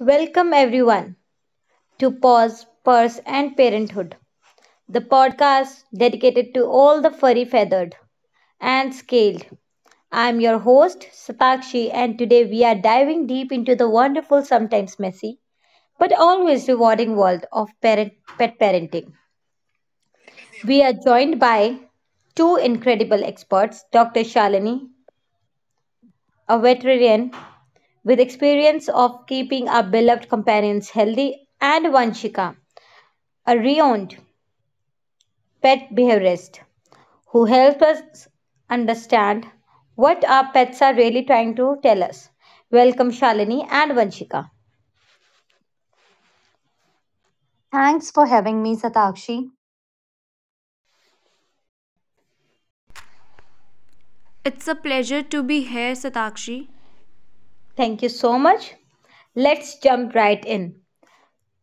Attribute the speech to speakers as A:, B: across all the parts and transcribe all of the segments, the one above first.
A: Welcome everyone to Paws, Purse and Parenthood, the podcast dedicated to all the furry feathered and scaled. I'm your host Satakshi, and today we are diving deep into the wonderful, sometimes messy, but always rewarding world of parent pet parenting. We are joined by two incredible experts: Dr. Shalini, a veterinarian with experience of keeping our beloved companions healthy, and Vanshika, a renowned pet behaviorists who help us understand what our pets are really trying to tell us. Welcome, Shalini and Vanshika.
B: Thanks for having me, Satakshi.
C: It's a pleasure to be here, Satakshi.
A: Thank you so much. Let's jump right in.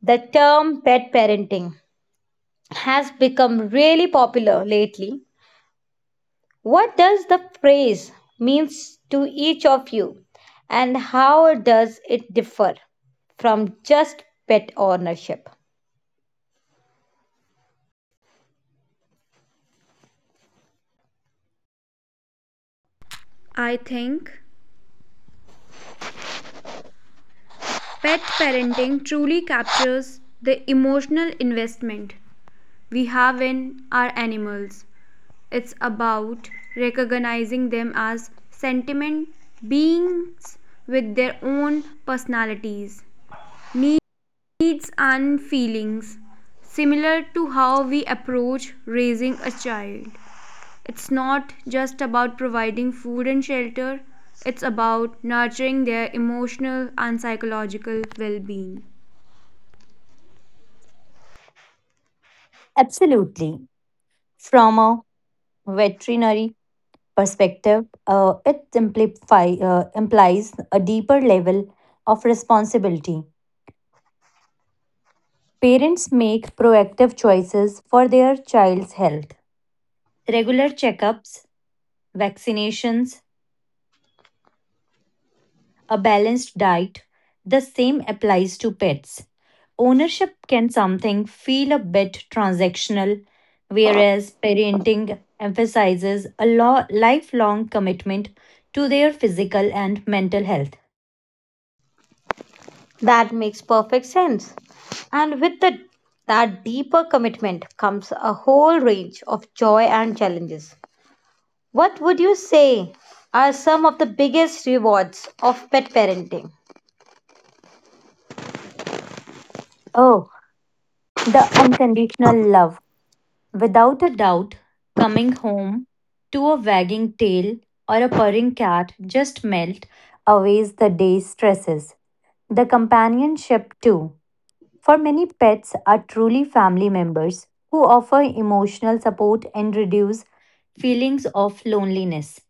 A: The term pet parenting has become really popular lately. What does the phrase means to each of you, and how does it differ from just pet ownership?
C: I think pet parenting truly captures the emotional investment we have in our animals. It's about recognizing them as sentient beings with their own personalities, needs, and feelings, similar to how we approach raising a child. It's not just about providing food and shelter, it's about nurturing their emotional and psychological well being.
B: Absolutely. From a veterinary perspective, implies a deeper level of responsibility. Parents make proactive choices for their child's health. Regular checkups, vaccinations, a balanced diet, the same applies to pets. Ownership can something feel a bit transactional, whereas parenting emphasizes a lifelong commitment to their physical and mental health.
A: That makes perfect sense. And with that deeper commitment comes a whole range of joy and challenges. What would you say are some of the biggest rewards of pet parenting?
B: Oh, the unconditional love. Without a doubt, coming home to a wagging tail or a purring cat just melt away the day's stresses. The companionship, too. For many, pets are truly family members who offer emotional support and reduce feelings of loneliness.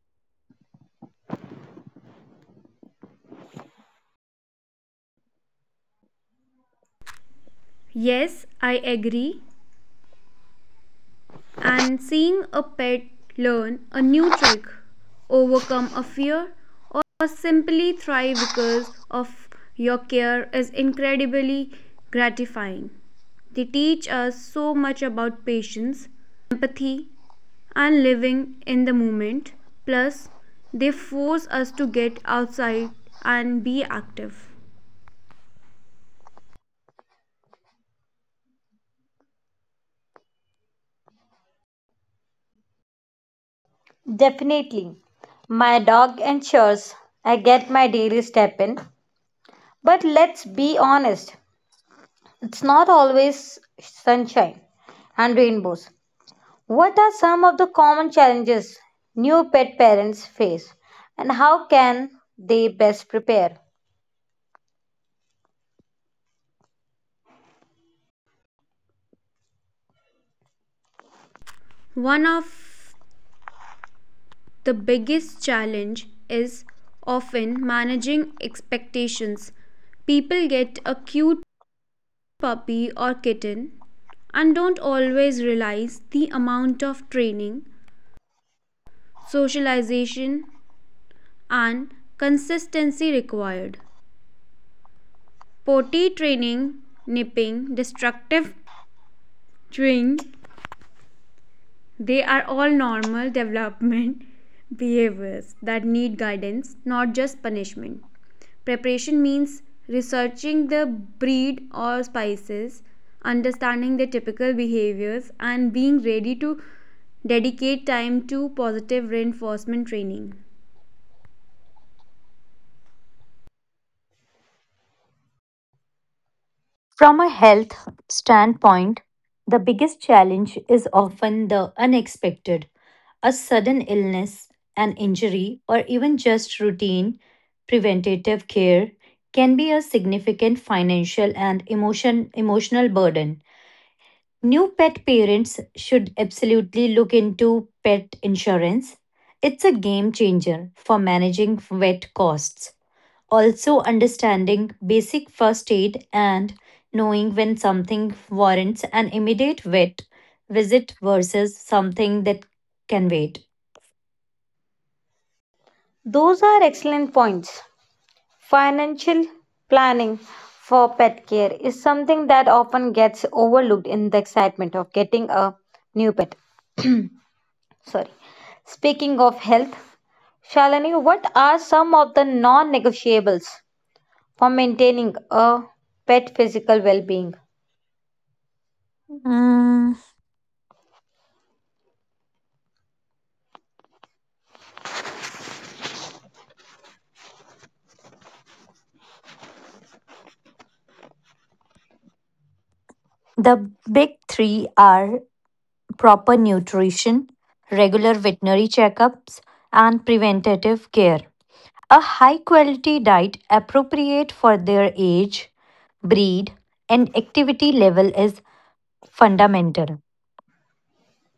C: Yes, I agree, and seeing a pet learn a new trick, overcome a fear, or simply thrive because of your care is incredibly gratifying. They teach us so much about patience, empathy, and living in the moment. Plus, they force us to get outside and be active.
A: Definitely, my dog ensures I get my daily step in. But let's be honest, it's not always sunshine and rainbows. What are some of the common challenges new pet parents face, and how can they best prepare?
C: One of the biggest challenge is often managing expectations. People get a cute puppy or kitten and don't always realize the amount of training, socialization, and consistency required. Potty training, nipping, destructive chewing, they are all normal development behaviors that need guidance, not just punishment. Preparation means researching the breed or species, understanding their typical behaviors, and being ready to dedicate time to positive reinforcement training.
B: From a health standpoint, the biggest challenge is often the unexpected. A sudden illness, an injury, or even just routine preventative care can be a significant financial and emotional burden. New pet parents should absolutely look into pet insurance. It's a game changer for managing vet costs. Also, understanding basic first aid and knowing when something warrants an immediate vet visit versus something that can wait.
A: Those are excellent points. Financial planning for pet care is something that often gets overlooked in the excitement of getting a new pet. Sorry. Speaking of health, Shalini, what are some of the non negotiables for maintaining a pet physical well being?
B: The big three are proper nutrition, regular veterinary checkups, and preventative care. A high quality diet appropriate for their age, breed, and activity level is fundamental.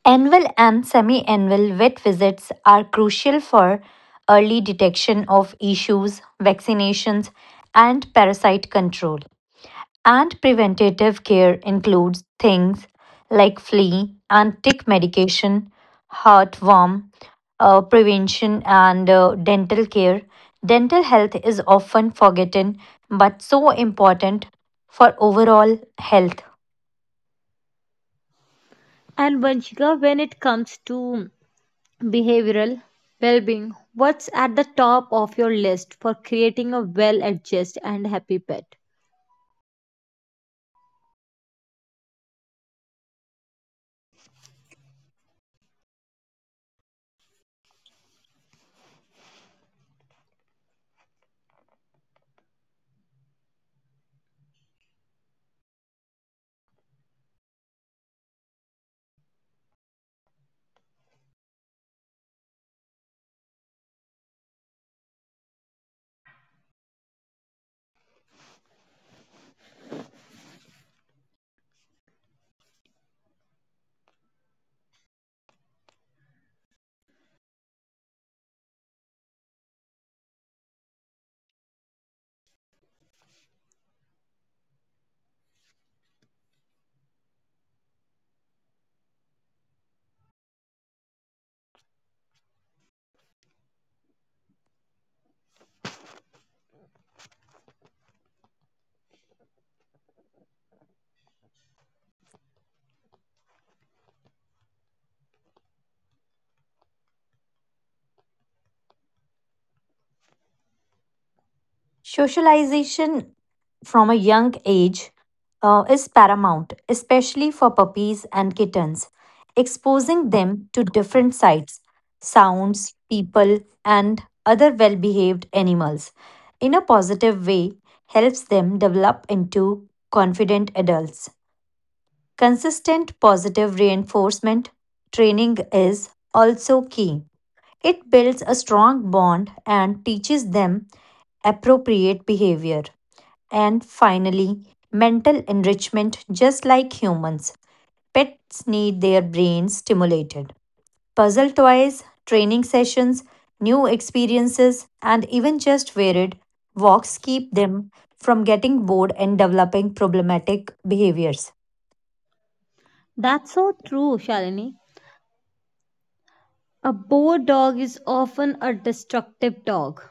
B: Annual and semi annual vet visits are crucial for early detection of issues, vaccinations, and parasite control. And preventative care includes things like flea and tick medication, heartworm prevention, and dental care. Dental health is often forgotten but so important for overall health.
A: And Vanshika, when it comes to behavioral well-being, what's at the top of your list for creating a well-adjusted and happy pet?
B: Socialization from a young age is paramount, especially for puppies and kittens. Exposing them to different sights, sounds, people, and other well behaved animals in a positive way helps them develop into confident adults. Consistent positive reinforcement training is also key. It builds a strong bond and teaches them appropriate behavior. And finally, mental enrichment, just like humans, pets need their brains stimulated. Puzzle toys, training sessions, new experiences, and even just varied walks keep them from getting bored and developing problematic behaviors.
A: That's so true, Shalini. A bored dog is often a destructive dog.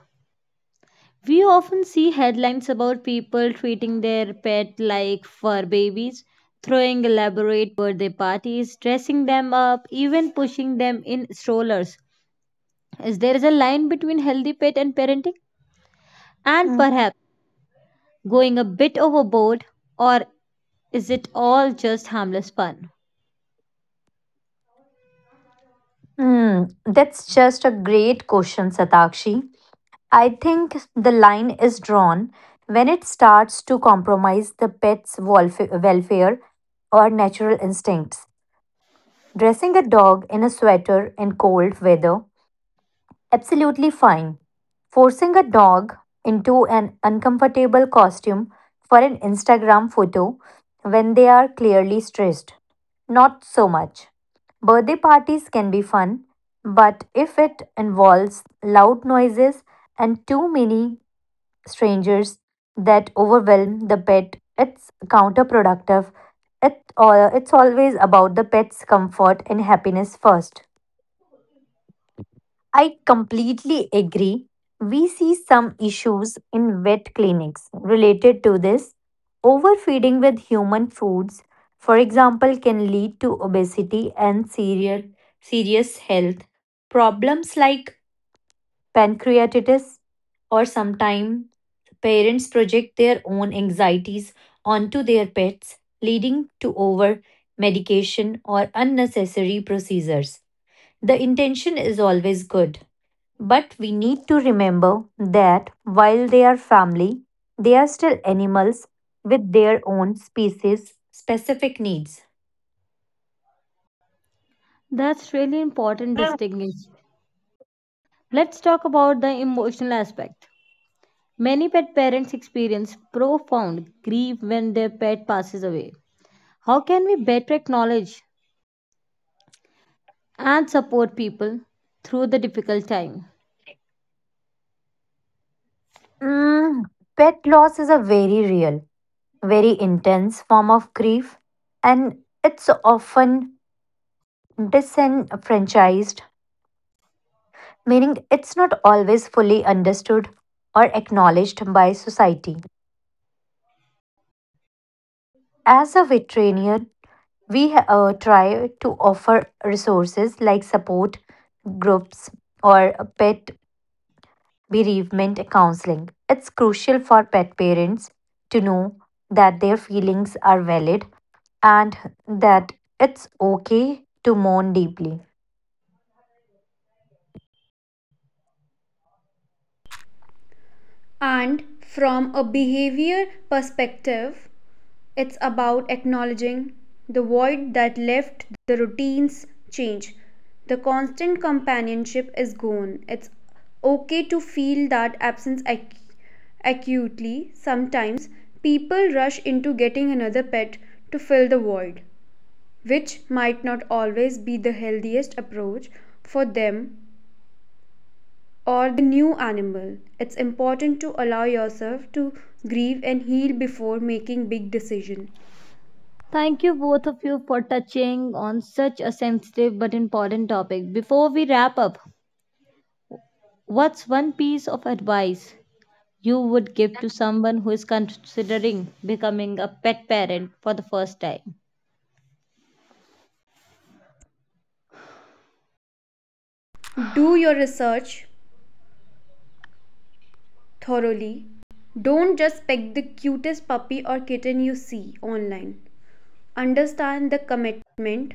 A: We often see headlines about people treating their pet like fur babies, throwing elaborate birthday parties, dressing them up, even pushing them in strollers. Is there is a line between healthy pet and parenting, and
B: Mm,
A: perhaps going a bit overboard, or is it all just harmless fun?
B: That's just a great question, Satakshi. I think the line is drawn when it starts to compromise the pet's welfare or natural instincts. Dressing a dog in a sweater in cold weather, absolutely fine. Forcing a dog into an uncomfortable costume for an Instagram photo when they are clearly stressed, not so much. Birthday parties can be fun, but if it involves loud noises and too many strangers that overwhelm the pet. It's counterproductive. It's always about the pet's comfort and happiness first. I completely agree. We see some issues in vet clinics related to this. Overfeeding with human foods, for example, can lead to obesity and serious health problems like pancreatitis, or sometimes parents project their own anxieties onto their pets, leading to over medication or unnecessary procedures. The intention is always good, but we need to remember that while they are family, they are still animals with their own species specific needs.
A: That's really important distinction. Let's talk about the emotional aspect. Many pet parents experience profound grief when their pet passes away. How can we better acknowledge and support people through the difficult time?
B: Mm, pet loss is a very real very intense form of grief and it's often disenfranchised, meaning it's not always fully understood or acknowledged by society. As a veterinarian, we try to offer resources like support groups or pet bereavement counseling. It's crucial for pet parents to know that their feelings are valid and that it's okay to mourn deeply.
C: And from a behavior perspective, it's about acknowledging the void that left the routines change. The constant companionship is gone. It's okay to feel that absence acutely. Sometimes people rush into getting another pet to fill the void, which might not always be the healthiest approach for them or the new animal. It's important to allow yourself to grieve and heal before making big decisions.
A: Thank you both of you for touching on such a sensitive but important topic. Before we wrap up, what's one piece of advice you would give to someone who is considering becoming a pet parent for the first time?
C: Do your research thoroughly. Don't just pick the cutest puppy or kitten you see online. Understand the commitment,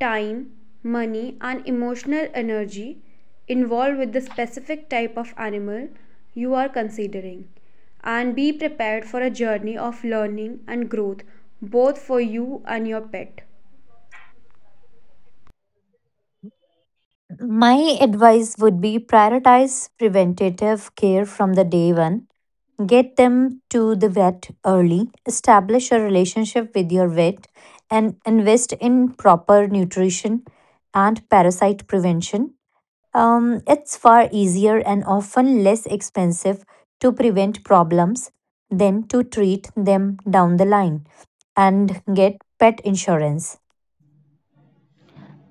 C: time, money and emotional energy involved with the specific type of animal you are considering and be prepared for a journey of learning and growth both for you and your pet.
B: My advice would be prioritize preventative care from the day one. Get them to the vet early, establish a relationship with your vet, and invest in proper nutrition and parasite prevention. It's far easier and often less expensive to prevent problems than to treat them down the line and get pet insurance.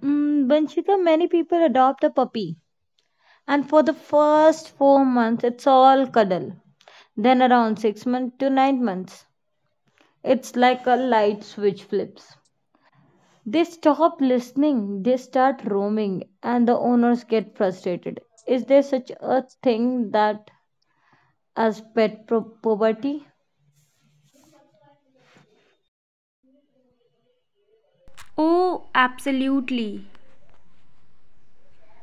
A: Vanshika, many people adopt a puppy, and for the first 4 months, it's all cuddle. Then, around 6 months to 9 months, it's like a light switch flips. They stop listening, they start roaming, and the owners get frustrated. Is there such a thing that as pet poverty?
C: Oh, absolutely.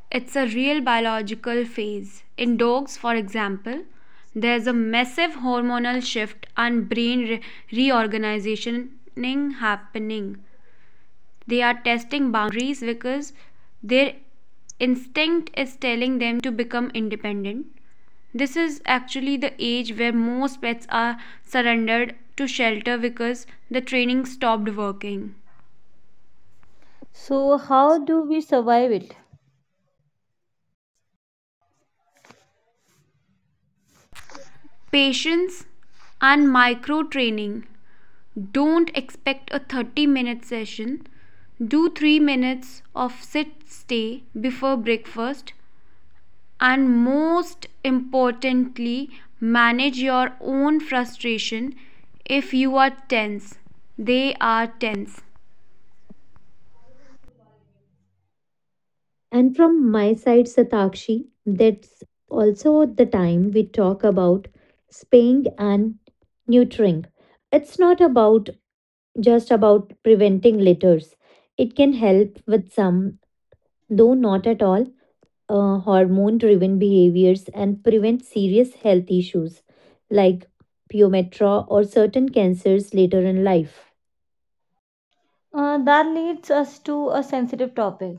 C: It's a real biological phase. In dogs, for example, there's a massive hormonal shift and brain reorganization happening. They are testing boundaries because their instinct is telling them to become independent. This is actually the age where most pets are surrendered to shelter because the training stopped working.
A: So, how do we survive it?
C: Patience and micro training. Don't expect a 30-minute session. Do 3 minutes of sit stay before breakfast, and most importantly manage your own frustration. If you are tense, they are tense.
B: And from my side, Satakshi, that's also the time we talk about spaying and neutering. It's not about just about preventing litters. It can help with some, though not at all, hormone driven behaviors and prevent serious health issues like pyometra or certain cancers later in life.
A: That leads us to a sensitive topic,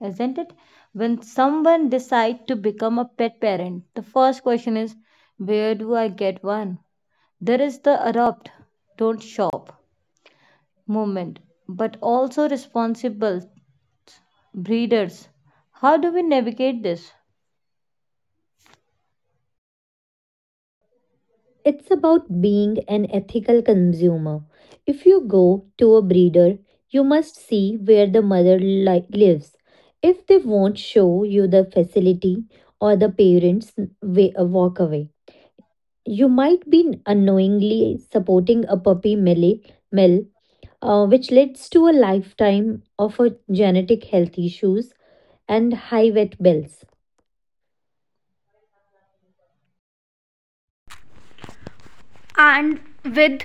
A: isn't it? When someone decides to become a pet parent, the first question is, where do I get one? There is the adopt, don't shop movement, but also responsible breeders. How do we navigate this?
B: It's about being an ethical consumer. If you go to a breeder, you must see where the mother lives. If they won't show you the facility or the parents, mm, walk away. You might be unknowingly supporting a puppy mill, mill which leads to a lifetime of a genetic health issues and high vet bills.
C: And with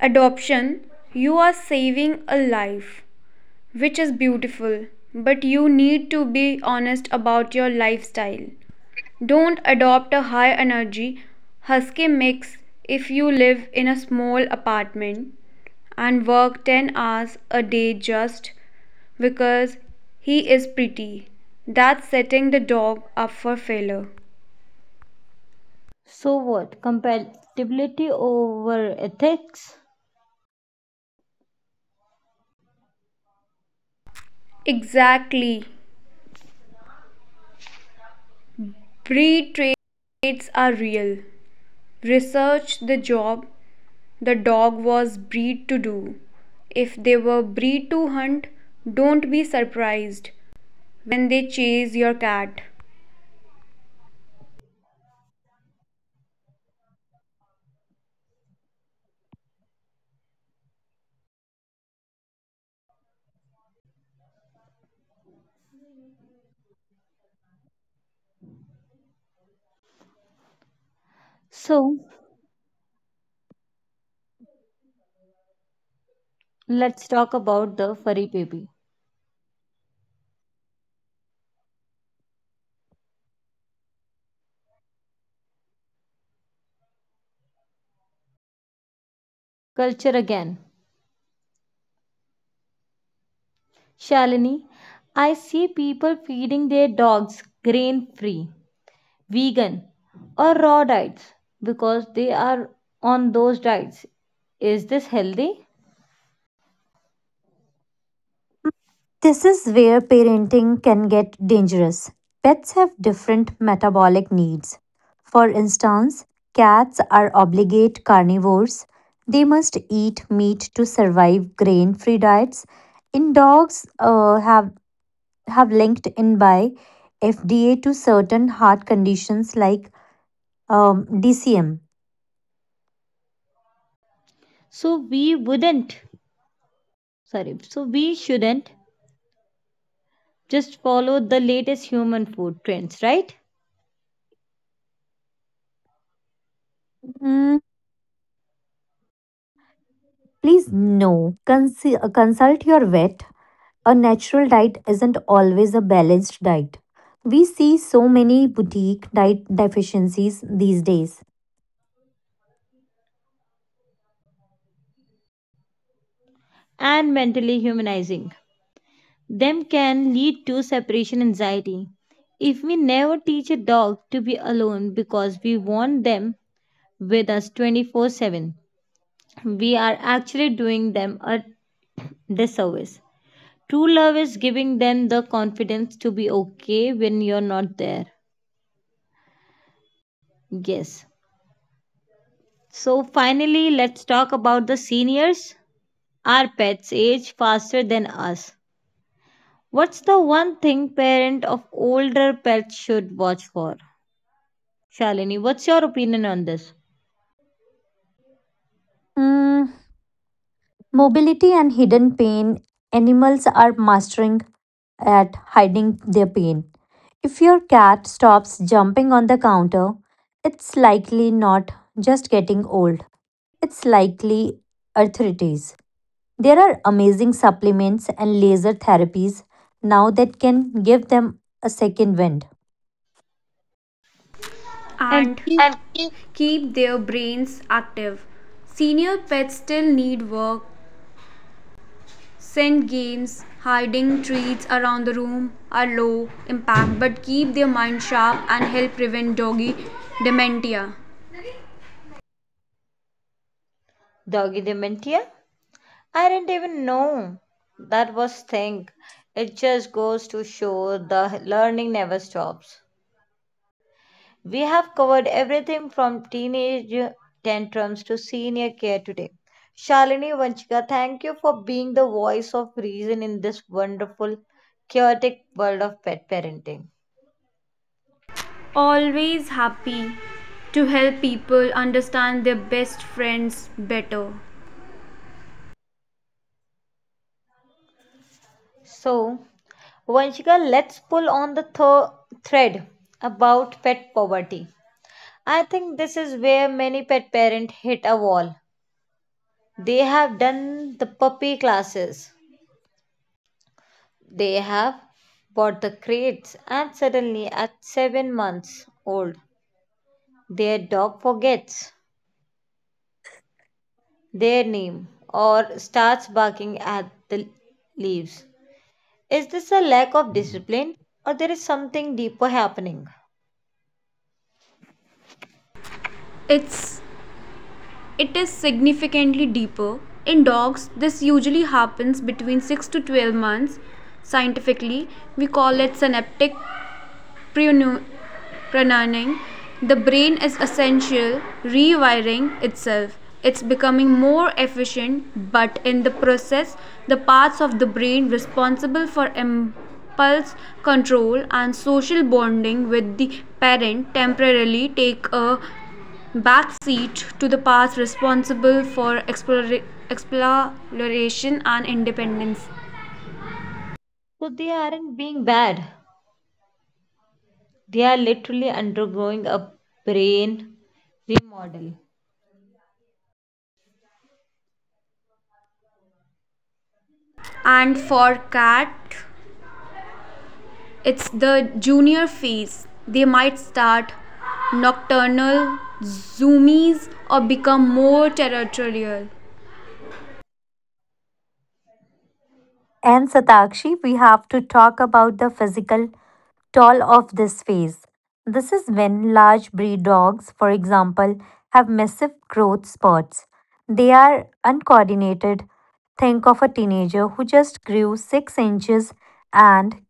C: adoption, you are saving a life, which is beautiful, but you need to be honest about your lifestyle. Don't adopt a high energy husky mix if you live in a small apartment and work 10 hours a day just because he is pretty. That's setting the dog up for failure.
A: So what? Compatibility over ethics?
C: Exactly. Breed traits are real. Research the job the dog was bred to do. If they were bred to hunt, don't be surprised when they chase your cat.
A: So let's talk about the furry baby culture again. Shalini, I see people feeding their dogs grain free, vegan, or raw diets because they are on those diets. Is this healthy?
B: This is where parenting can get dangerous. Pets have different metabolic needs. For instance, cats are obligate carnivores. They must eat meat to survive grain-free diets. In dogs have linked in by FDA to certain heart conditions like DCM.
A: So we wouldn't, so we shouldn't just follow the latest human food trends, right?
B: Mm, please no. Consult your vet, a natural diet isn't always a balanced diet. We see so many boutique diet deficiencies these days.
A: And mentally humanizing them can lead to separation anxiety. If we never teach a dog to be alone because we want them with us 24/7, we are actually doing them a disservice. True love is giving them the confidence to be okay when you're not there. Yes. So, finally, let's talk about the seniors. Our pets age faster than us. What's the one thing parent of older pets should watch for? Shalini, what's your opinion on this?
B: Hmm, mobility and hidden pain. Animals are mastering at hiding their pain. If your cat stops jumping on the counter, it's likely not just getting old, it's likely arthritis. There are amazing supplements and laser therapies now that can give them a second wind.
A: And
C: And
A: keep
C: keep their brains active. Senior pets still need work. Scent games, hiding treats around the room are low impact but keep their mind sharp and help prevent doggy dementia.
A: doggy dementia. I didn't even know that was thing. It just goes to show the learning never stops. We have covered everything from teenage tantrums to senior care today. Shalini, Vanchika, thank you for being the voice of reason in this wonderful, chaotic world of pet parenting.
C: Always happy to help people understand their best friends better.
A: So, Vanchika, let's pull on the thread about pet poverty. I think this is where many pet parents hit a wall. They have done the puppy classes. They have bought the crates, and suddenly, at 7 months old, their dog forgets their name or starts barking at the leaves. Is this a lack of discipline, or there is something deeper happening?
C: It's it is significantly deeper. In dogs, this usually happens between 6 to 12 months. Scientifically, we call it synaptic prenu- prenurning. The brain is essential rewiring itself. It's becoming more efficient, but in the process, the parts of the brain responsible for impulse control and social bonding with the parent temporarily take a backseat to the parts responsible for exploration and independence.
A: So they aren't being bad. They are literally undergoing a brain remodel.
C: And for cat, it's the junior phase. They might start nocturnal zoomies or become more territorial.
B: And Satakshi, we have to talk about the physical toll of this phase. This is when large breed dogs, for example, have massive growth spurts. They are uncoordinated. Think of a teenager who just grew 6 inches and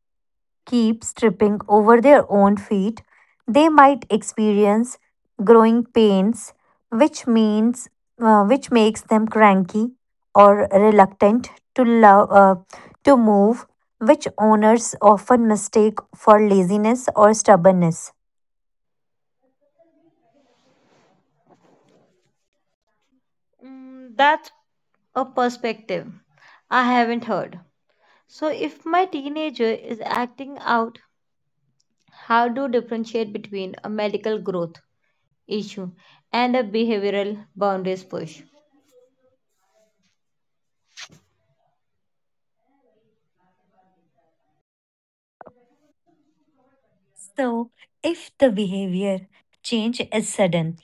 B: keeps tripping over their own feet, they might experience growing pains, which means which makes them cranky or reluctant to love to move, which owners often mistake for laziness or stubbornness.
A: That's a perspective I haven't heard. So, if my teenager is acting out, how to differentiate between a medical growth issue and a behavioral boundaries push?
B: So, if the behavior change is sudden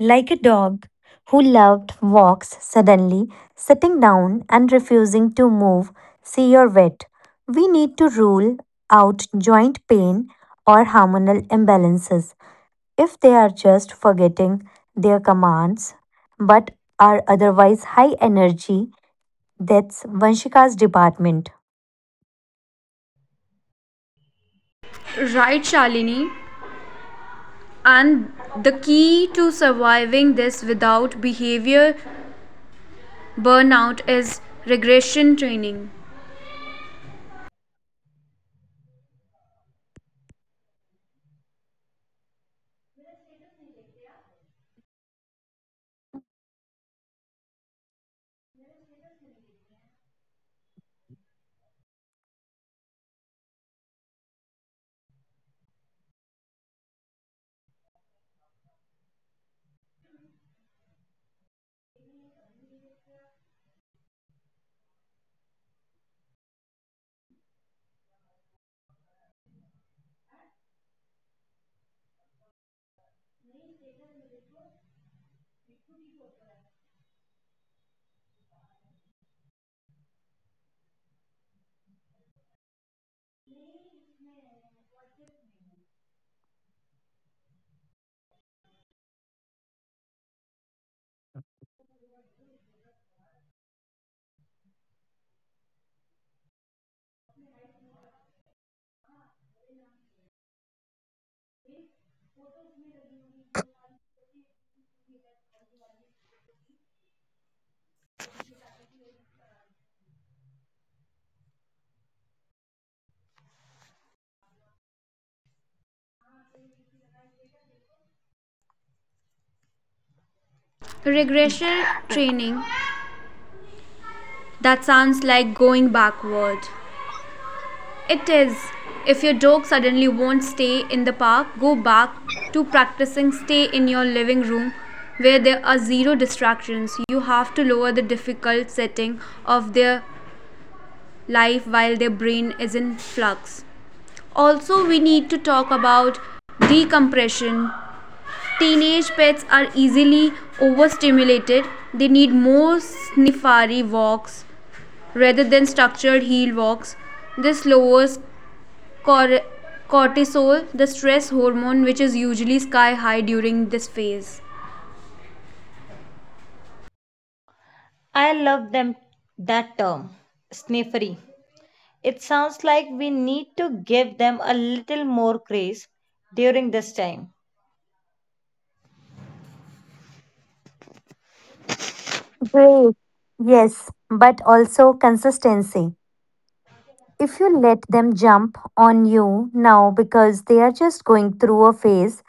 B: like a dog who loved walks suddenly, sitting down and refusing to move, see your vet. We need to rule out joint pain or hormonal imbalances if they are just forgetting their commands but are otherwise high energy. That's Vanshika's department.
C: Right, Shalini? And the key to surviving this without behavior burnout is regression training. Regression training, that sounds like going backward. It is. If your dog suddenly won't stay in the park, go back to practicing stay in your living room where there are zero distractions. You have to lower the difficult setting of their life while their brain is in flux. Also, we need to talk about decompression. Teenage pets are easily overstimulated. They need more snifari walks rather than structured heel walks. This lowers cortisol, the stress hormone, which is usually sky high during this phase.
A: I love them that term, sniffery. It sounds like we need to give them a little more grace during this time.
B: Great. Yes, but also consistency. If you let them jump on you now because they are just going through a phase,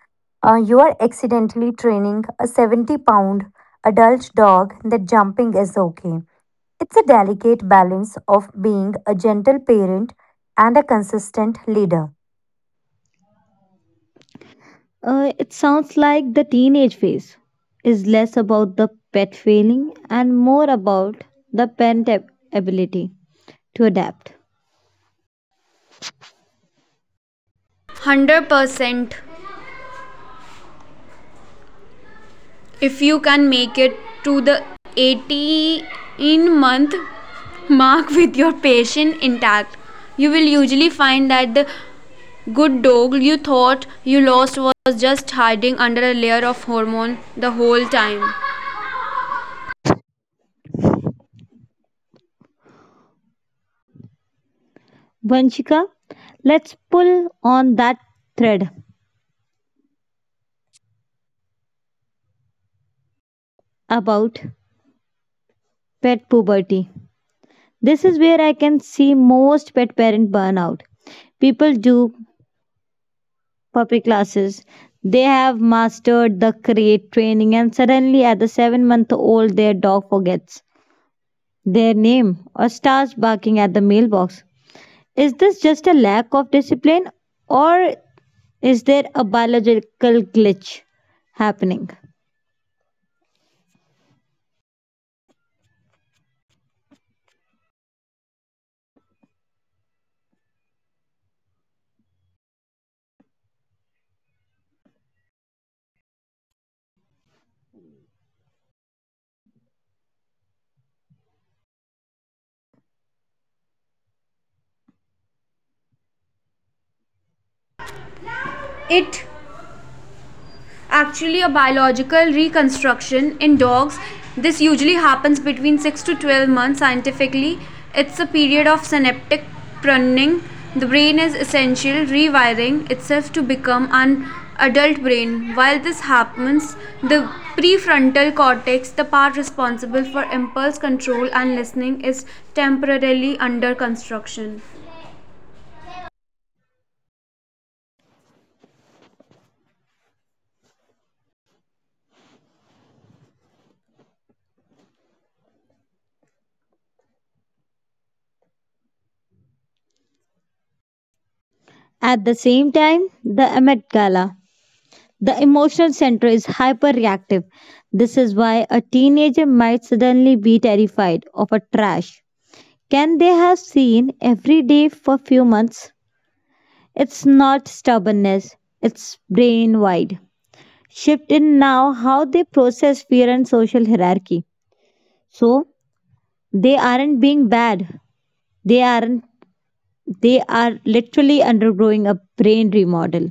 B: you are accidentally training a 70 pound adult dog that jumping is okay. It's a delicate balance of being a gentle parent and a consistent leader.
A: It sounds like the teenage phase is less about the pet failing and more about the pent ability to adapt.
C: 100% if you can make it to the 18-month mark with your patient intact, you will usually find that the good dog you thought you lost was just hiding under a layer of hormone the whole time.
A: Vanshika, let's pull on that thread about pet puberty. This is where I can see most pet parent burnout. People do puppy classes. They have mastered the crate training, and suddenly at the 7-month old, their dog forgets their name or starts barking at the mailbox. Is this just a lack of discipline, or is there a biological glitch happening?
C: It actually a biological reconstruction in dogs. This usually happens between 6 to 12 months scientifically. It's a period of synaptic pruning. The brain is essentially rewiring itself to become an adult brain. While this happens, the prefrontal cortex, the part responsible for impulse control and listening, is temporarily under construction.
A: At the same time, the Met Gala, the emotional center is hyperreactive. This is why a teenager might suddenly be terrified of a trash. Can they have seen every day for few months? It's not stubbornness, it's brain wide. Shift in now how they process fear and social hierarchy. So they aren't being bad. They aren't they are literally undergoing a brain remodel.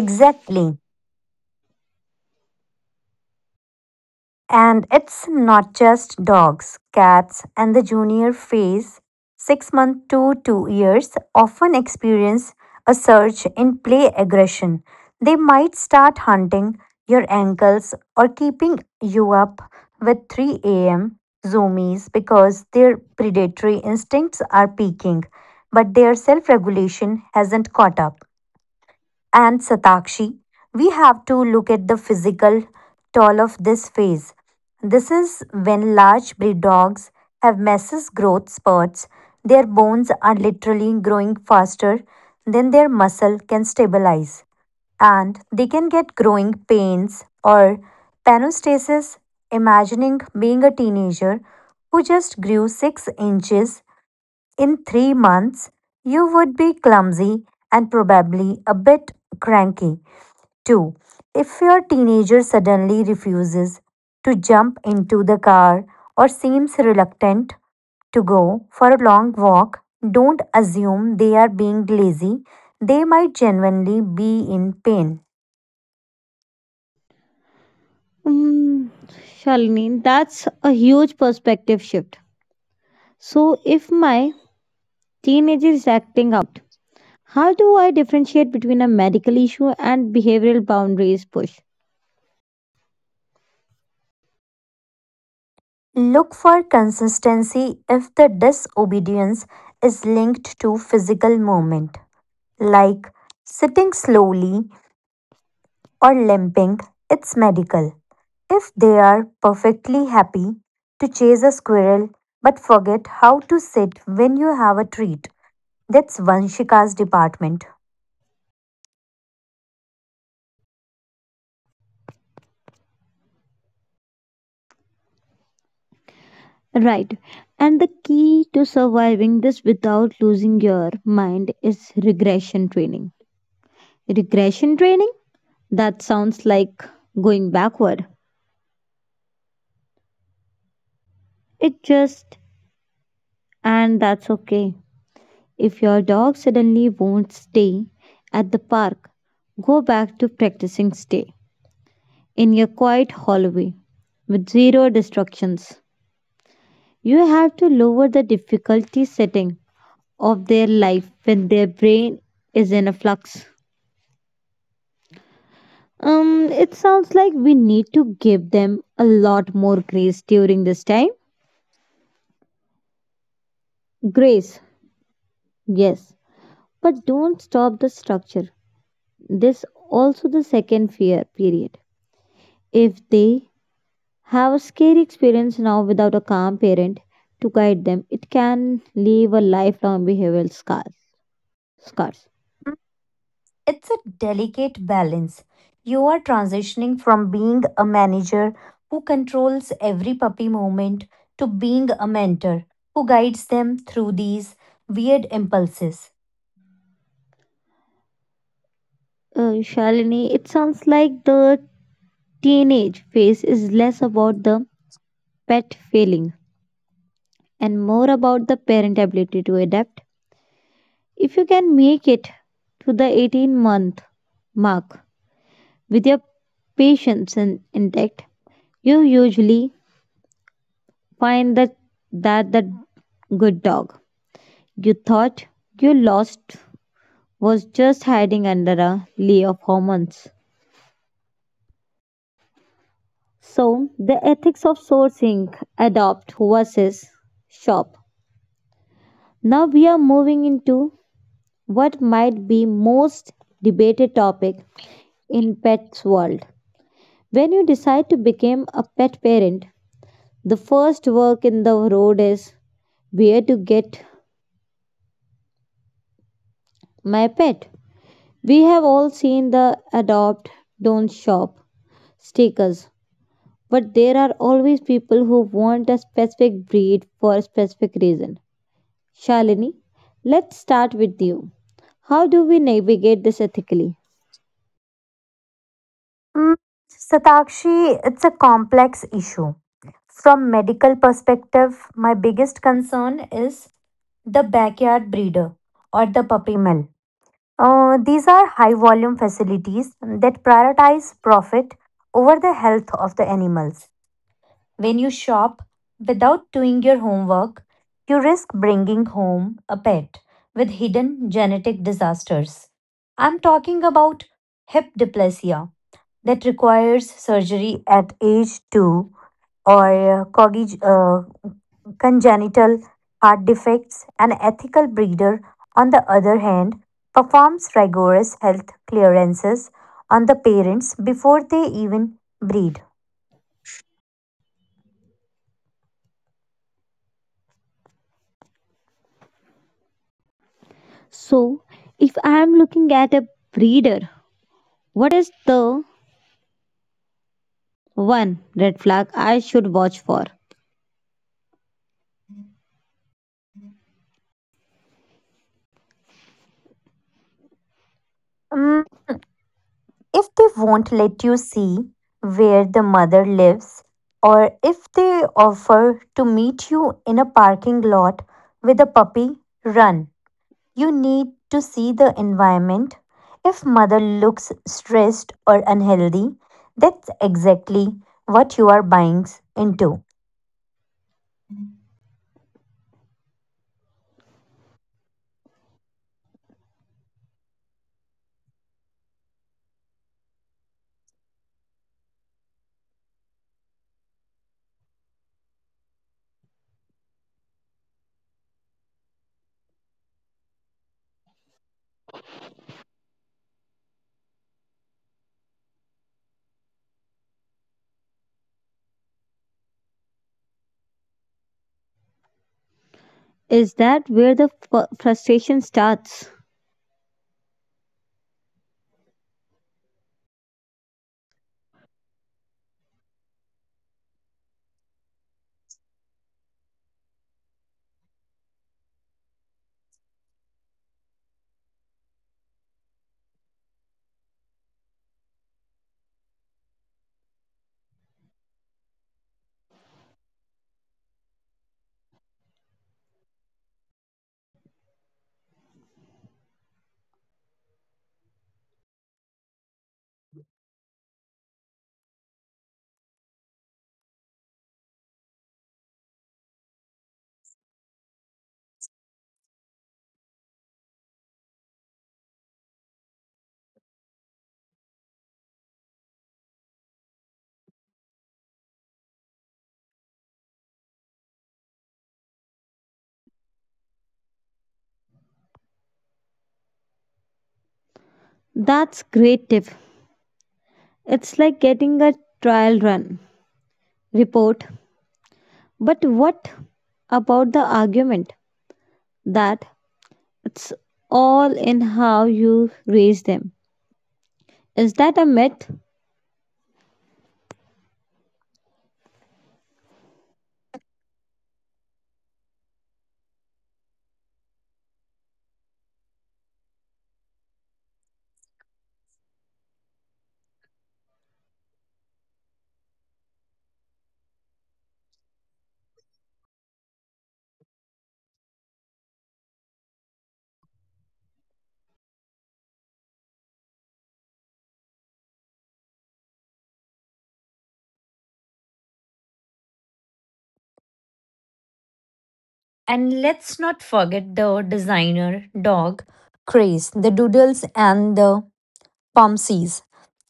B: Exactly. And it's not just dogs, cats, and the junior phase, 6 months to 2 years, often experience a surge in play aggression. They might start hunting your ankles or keeping you up with 3 a.m. zoomies because their predatory instincts are peaking, but their self regulation hasn't caught up, and Satakshi, we have to look at the physical toll of this phase. This is when large breed dogs have massive growth spurts. Their bones are literally growing faster than their muscle can stabilize, and they can get growing pains or panostasis. Imagining being a teenager who just grew 6 inches in 3 months, you would be clumsy and probably a bit cranky too. If your teenager suddenly refuses to jump into the car or seems reluctant to go for a long walk, don't assume they are being lazy. They might genuinely be in pain.
A: Mm, Shalini, that's a huge perspective shift. So, if my teenager is acting out, how do I differentiate between a medical issue and behavioral boundaries push?
B: Look for consistency, if the disobedience is linked to physical movement, like sitting slowly or limping, it's medical. If they are perfectly happy to chase a squirrel but forget how to sit when you have a treat, that's Vanshika's department.
A: Right. And the key to surviving this without losing your mind is regression training. Regression training? That sounds like going backward. It just, and that's okay. If your dog suddenly won't stay at the park, go back to practicing stay in your quiet hallway with zero distractions. You have to lower the difficulty setting of their life when their brain is in a flux. It sounds like we need to give them a lot more grace during this time. Grace, yes, but don't stop the structure. This also the second fear period. If they have a scary experience now without a calm parent to guide them, it can leave a lifelong behavioral scars.
B: It's a delicate balance. You are transitioning from being a manager who controls every puppy moment to being a mentor who guides them through these weird impulses.
A: Shalini, it sounds like the teenage phase is less about the pet failing and more about the parent ability to adapt. If you can make it to the 18-month mark with your patience intact, you usually find that the good dog you thought you lost was just hiding under a layer of hormones. So, the ethics of sourcing, adopt versus shop. Now we are moving into what might be most debated topic in pets world. When you decide to become a pet parent, the first work in the road is where to get my pet. We have all seen the adopt don't shop stickers. But there are always people who want a specific breed for a specific reason. Shalini, let's start with you. How do we navigate this ethically?
B: Mm, Satakshi, it's a complex issue. From medical perspective, my biggest concern is the backyard breeder or the puppy mill. These are high volume facilities that prioritize profit over the health of the animals. When you shop without doing your homework, you risk bringing home a pet with hidden genetic disasters. I'm talking about hip dysplasia that requires surgery at age 2 or congenital heart defects. An ethical breeder, on the other hand, performs rigorous health clearances on the parents before they even breed.
A: So, if I am looking at a breeder, what is the one red flag I should watch for?
B: Mm, if they won't let you see where the mother lives, or if they offer to meet you in a parking lot with a puppy, run. You need to see the environment. If mother looks stressed or unhealthy, that's exactly what you are buying into.
A: Is that where the frustration starts? That's great tip. It's like getting a trial run report. But what about the argument that it's all in how you raise them. Is that a myth?
B: And let's not forget the designer dog craze, the doodles and the pomsies.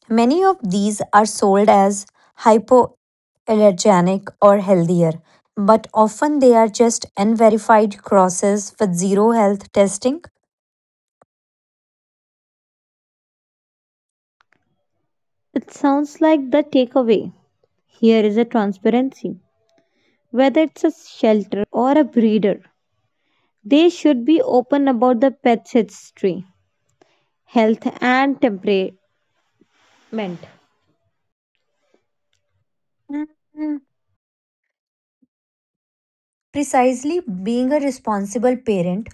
B: Many of these are sold as hypoallergenic or healthier, but often they are just unverified crosses with zero health testing.
A: It sounds like the takeaway. Here is a transparency. Whether it's a shelter or a breeder, they should be open about the pet's history, health, and temperament.
B: Mm, precisely, being a responsible parent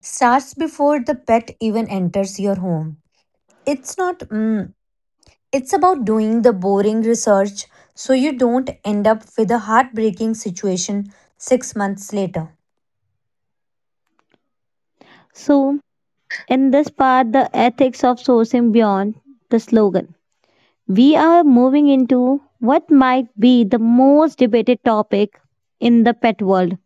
B: starts before the pet even enters your home. It's not, mm, it's about doing the boring research so you don't end up with a heartbreaking situation 6 months later.
A: So, in this part, the ethics of sourcing beyond the slogan, we are moving into what might be the most debated topic in the pet world.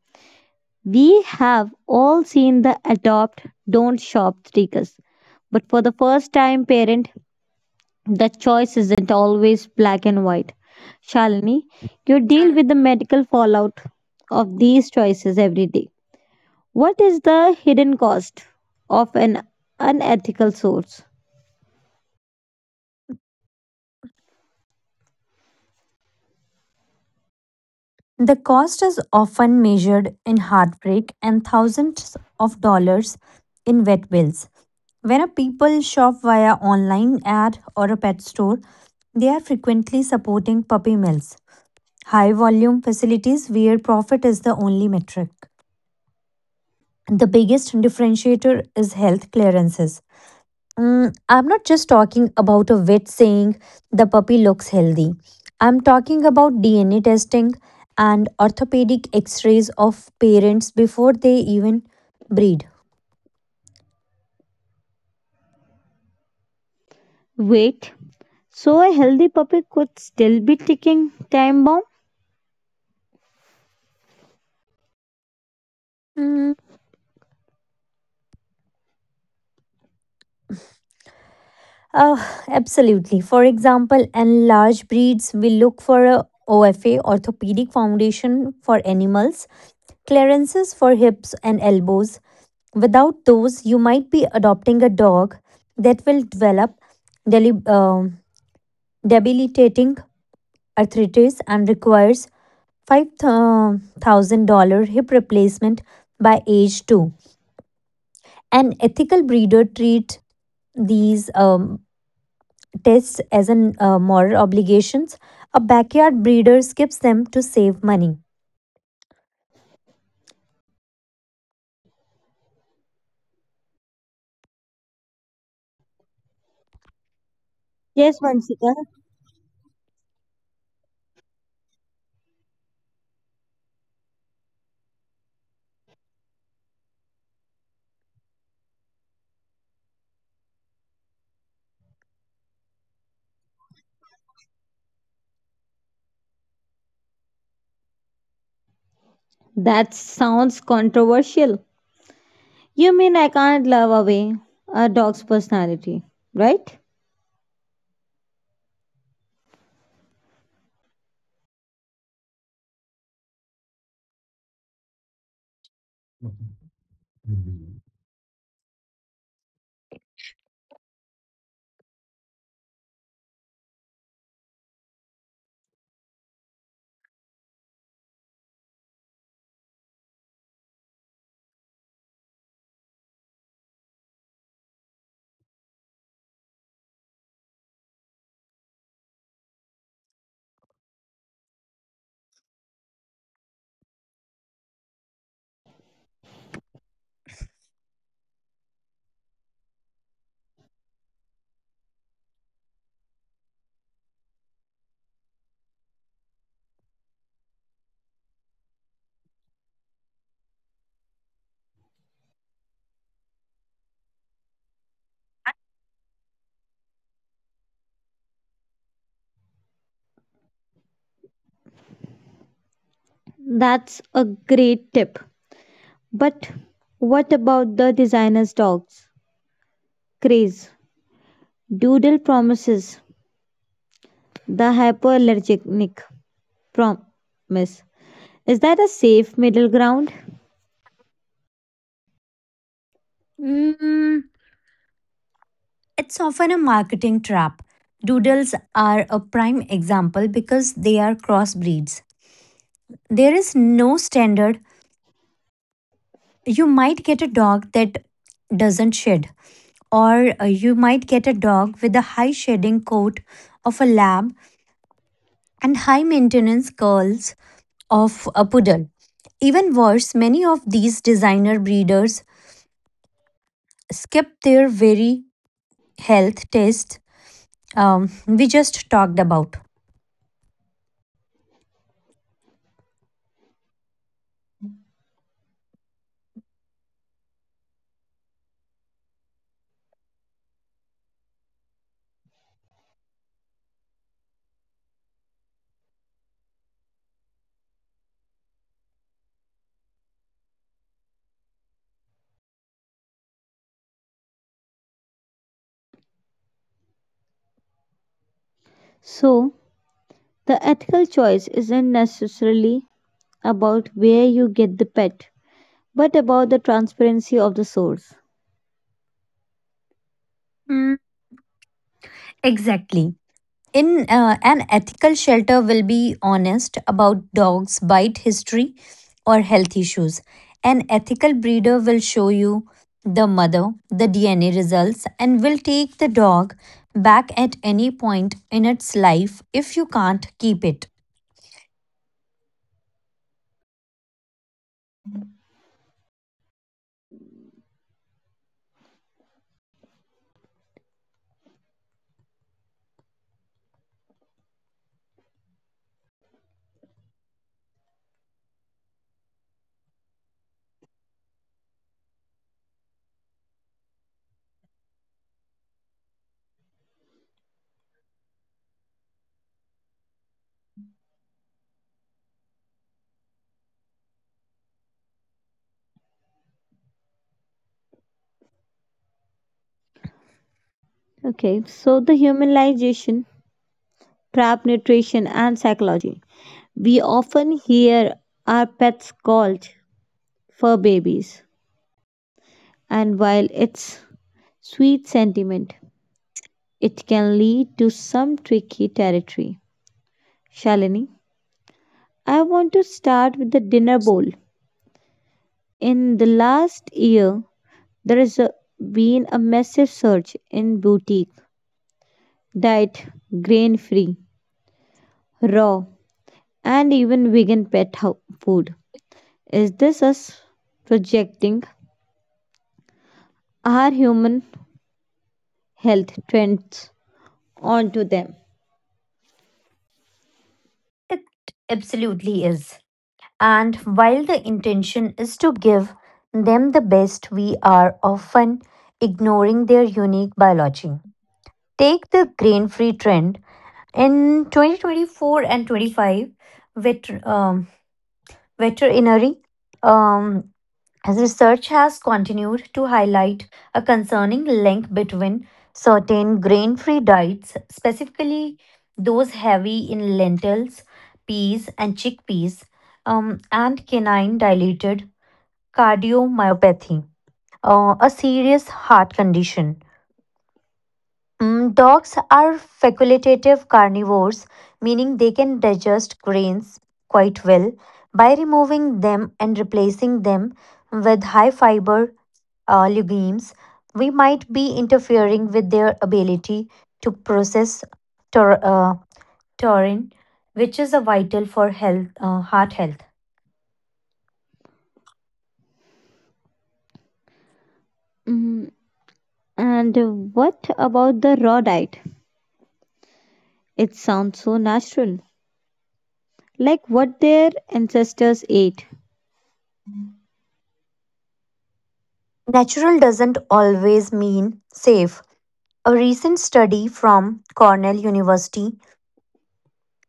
A: We have all seen the adopt, don't shop stickers. But for the first time parent, the choice isn't always black and white. Shalini, you deal with the medical fallout of these choices every day. What is the hidden cost of an unethical source?
B: The cost is often measured in heartbreak and thousands of dollars in vet bills. When a people shop via online ad or a pet store, they are frequently supporting puppy mills, high volume facilities where profit is the only metric. The biggest differentiator is health clearances. Mm, I'm not just talking about a vet saying the puppy looks healthy. I'm talking about DNA testing and orthopedic x rays of parents before they even breed.
A: Wait, so a healthy puppy could still be ticking time bomb?
B: Mm, Absolutely. For example, in large breeds, we look for a OFA orthopedic foundation for animals, clearances for hips and elbows. Without those, you might be adopting a dog that will develop deli- um debilitating arthritis and requires $5,000 hip replacement by age 2. An ethical breeder treats these tests as an moral obligations. A backyard breeder skips them to save money.
A: Yes, Vanshika. That sounds controversial. You mean I can't love away a dog's personality, right? That's a great tip. But what about the designer's dogs craze? Doodle promises the hypoallergenic promise. Is that a safe middle ground?
B: Mm, it's often a marketing trap. Doodles are a prime example because they are crossbreeds. There is no standard. You might get a dog that doesn't shed, or you might get a dog with a high shedding coat of a lab and high maintenance curls of a poodle. Even worse, many of these designer breeders skip their very health tests we just talked about.
A: So, the ethical choice isn't necessarily about where you get the pet, but about the transparency of the source.
B: Mm, exactly. In an ethical shelter, will be honest about dogs' bite history or health issues. An ethical breeder will show you the mother, the DNA results, and will take the dog back at any point in its life if you can't keep it.
A: Okay, so the humanization trap nutrition, and psychology. We often hear our pets called fur babies, and while it's sweet sentiment, it can lead to some tricky territory. Shalini, I want to start with the dinner bowl. In the last year, there has been a massive surge in boutique, diet, grain free, raw, and even vegan pet food. Is this us projecting our human health trends onto them.
B: It absolutely is. And while the intention is to give them the best, we are often ignoring their unique biology. Take the grain free trend. In 2024 and 25, vet, um, veterinary um, as research has continued to highlight a concerning link between certain grain free diets, specifically those heavy in lentils, peas, and chickpeas, and canine dilated cardiomyopathy, a serious heart condition. Dogs are facultative carnivores, meaning they can digest grains quite well by removing them and replacing them with high fiber legumes, we might be interfering with their ability to process taur- uh, taurine, which is a vital for health, heart health.
A: Mm, and what about the raw diet? It sounds so natural, like what their ancestors ate.
B: Natural doesn't always mean safe. A recent study from Cornell University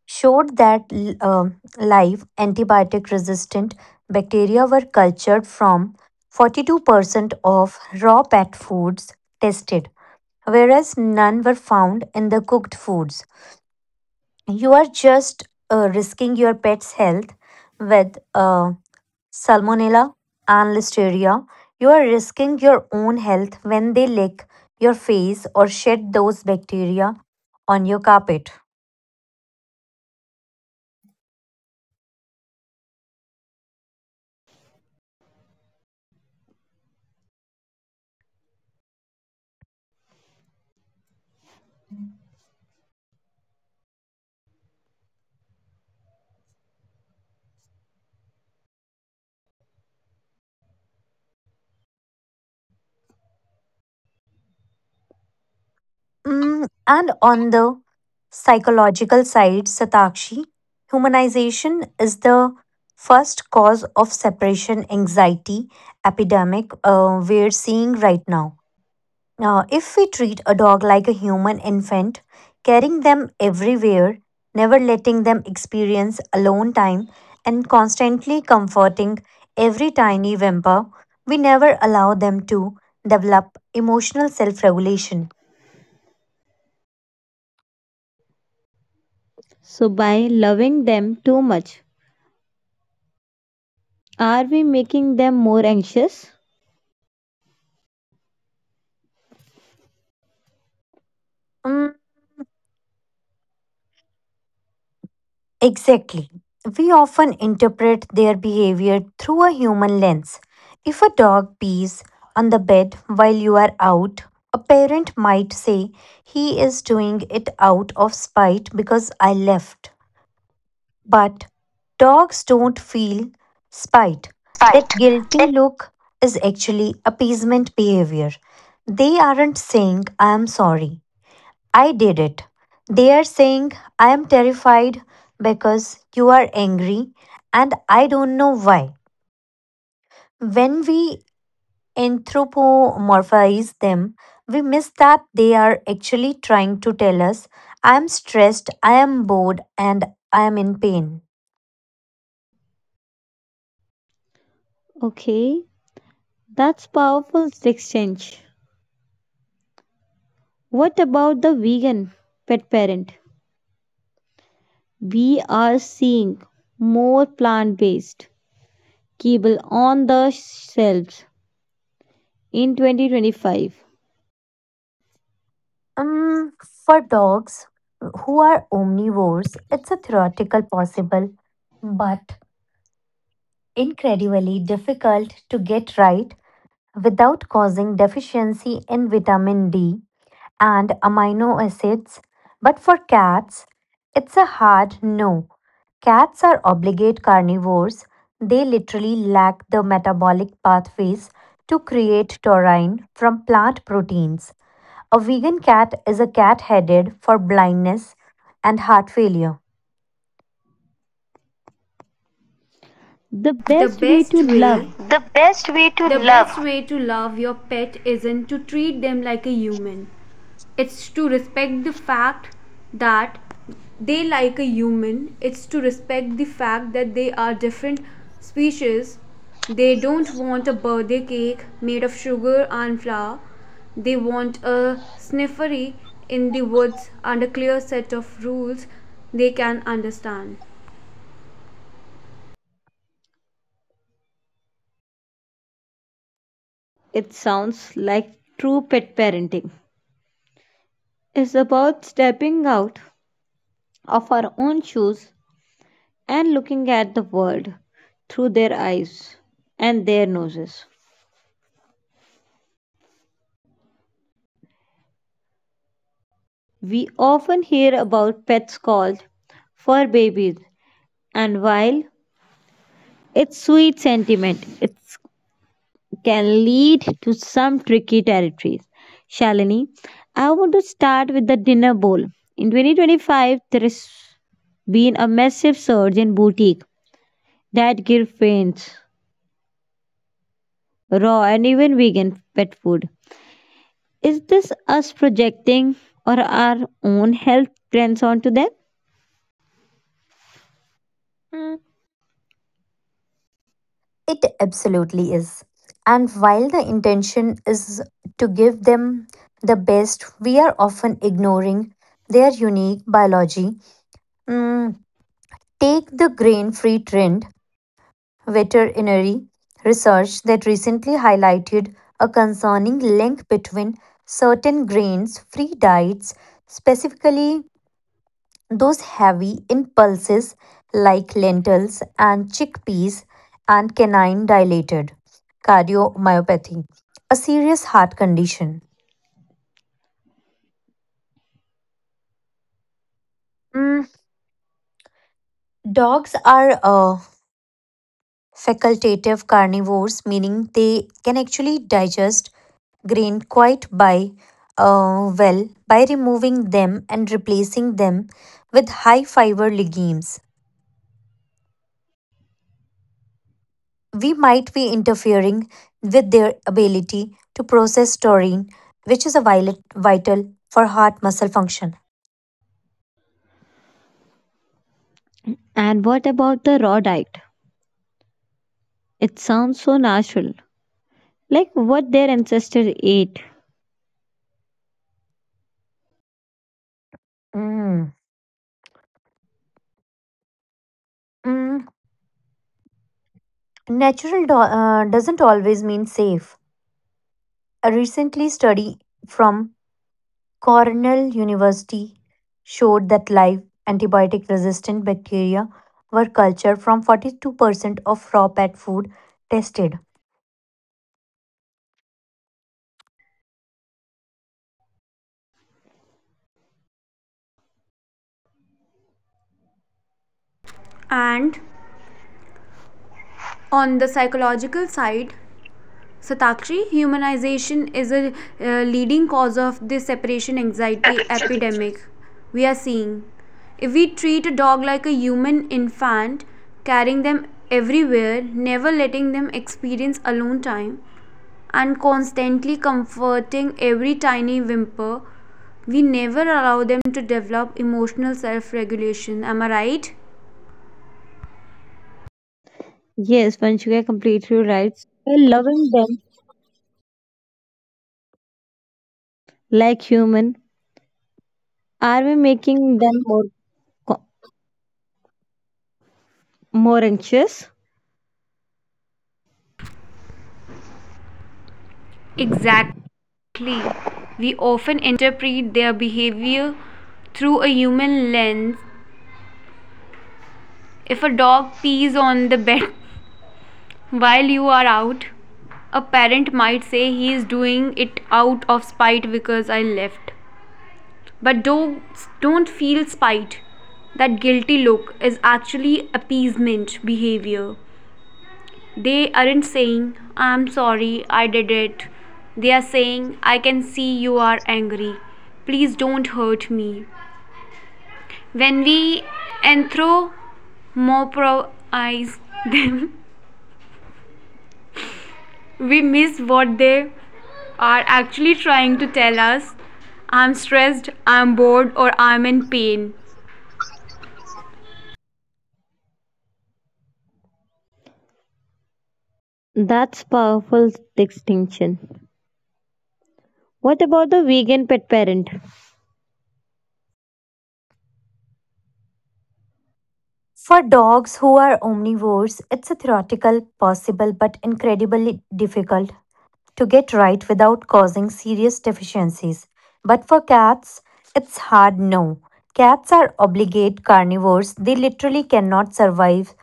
B: showed that live antibiotic resistant bacteria were cultured from 42% of raw pet foods tested, whereas none were found in the cooked foods. You are just risking your pet's health with salmonella and listeria. You are risking your own health when they lick your face or shed those bacteria on your carpet. And on the psychological side, Satakshi, humanization is the first cause of separation anxiety epidemic we're seeing right now. Now, if we treat a dog like a human infant, carrying them everywhere, never letting them experience alone time, and constantly comforting every tiny whimper, we never allow them to develop emotional self regulation.
A: So, by loving them too much, are we making them more anxious?
B: Exactly. We often interpret their behavior through a human lens. If a dog pees on the bed while you are out, a parent might say he is doing it out of spite because I left. But dogs don't feel spite. That
C: Fight.
B: guilty
C: The,
B: look is actually appeasement behavior. They aren't saying I am sorry. I did it. They are saying, I am terrified because you are angry and I don't know why. When we anthropomorphize them, we miss that they are actually trying to tell us, I am stressed, I am bored, and I am in pain.
A: Okay, that's powerful exchange. What about the vegan pet parent? We are seeing more plant based kibble on the shelves in 2025.
B: Um, for dogs who are omnivores, it's a theoretical possible but incredibly difficult to get right without causing deficiency in vitamin D and amino acids. But for cats, it's a hard no. Cats are obligate carnivores. They literally lack the metabolic pathways to create taurine from plant proteins. A vegan cat is a cat headed for blindness and heart failure.
A: The best way to love
C: the best way to the love. Best way to love your pet isn't to treat them like a human. It's to respect the fact that they like a human. It's to respect the fact that they are different species. They don't want a birthday cake made of sugar and flour. They want a sniffery in the woods under clear set of rules they can understand.
A: it sounds like true pet parenting is about stepping out of our own shoes and looking at the world through their eyes and their noses. We often hear about pets called fur babies, and while it's sweet sentiment, it's can lead to some tricky territories. Shalini, I want to start with the dinner bowl. In 2025, there has been a massive surge in boutique that give faints, raw and even vegan pet food. Is this us projecting or our own health trends onto them?
B: Hmm, it absolutely is. And while the intention is to give them the best, we are often ignoring their unique biology. Mm, take the grain free trend, veterinary research that recently highlighted a concerning link between certain grains free diets, specifically those heavy impulses like lentils and chickpeas and canine dilated cardiomyopathy, a serious heart condition. Mm, dogs are facultative carnivores, meaning they can actually digest grain quite by well by removing them and replacing them with high fiber legumes. We might be interfering with their ability to process taurine, which is a violet, vital for heart muscle function.
A: And what about the raw diet? It sounds so natural, like what their ancestors ate.
B: Mm. Mm, Natural doesn't always mean safe. A recently study from Cornell University showed that live antibiotic resistant bacteria were cultured from 42% of raw pet food tested.
C: And on the psychological side, Satakshi, humanization is a leading cause of the separation anxiety epidemic we are seeing. If we treat a dog like a human infant, carrying them everywhere, never letting them experience alone time, and constantly comforting every tiny whimper, we never allow them to develop emotional self regulation. Am I right?
A: Yes, Vanshika, completely right. We're loving them like human, are we making them more, co- more anxious?
C: Exactly. We often interpret their behavior through a human lens. If a dog pees on the bed while you are out, a parent might say he is doing it out of spite because I left. But dogs don't feel spite. That guilty look is actually appeasement behavior. They aren't saying, I'm sorry, I did it. They are saying, I can see you are angry. Please don't hurt me. When we anthropomorphize them, we miss what they are actually trying to tell us. I'm stressed, I'm bored, or I'm in pain.
A: That's powerful distinction. What about the vegan pet parent?
B: For dogs who are omnivores, it's a theoretical, possible, but incredibly difficult to get right without causing serious deficiencies. But for cats, it's hard no. Cats are obligate carnivores, they literally cannot survive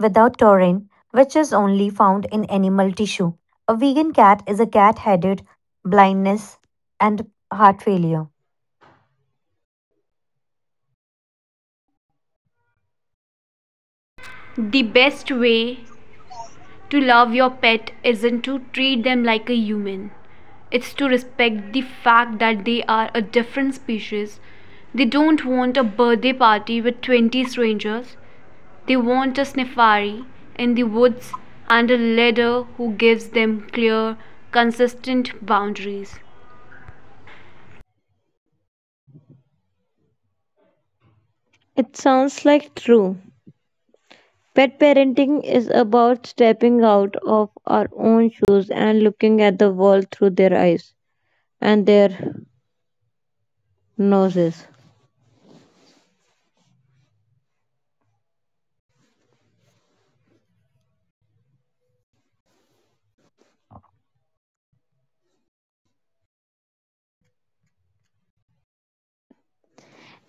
B: without taurine, which is only found in animal tissue. A vegan cat is a cat headed, blindness, and heart failure.
C: The best way to love your pet isn't to treat them like a human, it's to respect the fact that they are a different species. They don't want a birthday party with 20 strangers. They want a Snifari in the woods and a leader who gives them clear, consistent boundaries.
A: It sounds like true. Pet parenting is about stepping out of our own shoes and looking at the world through their eyes and their noses.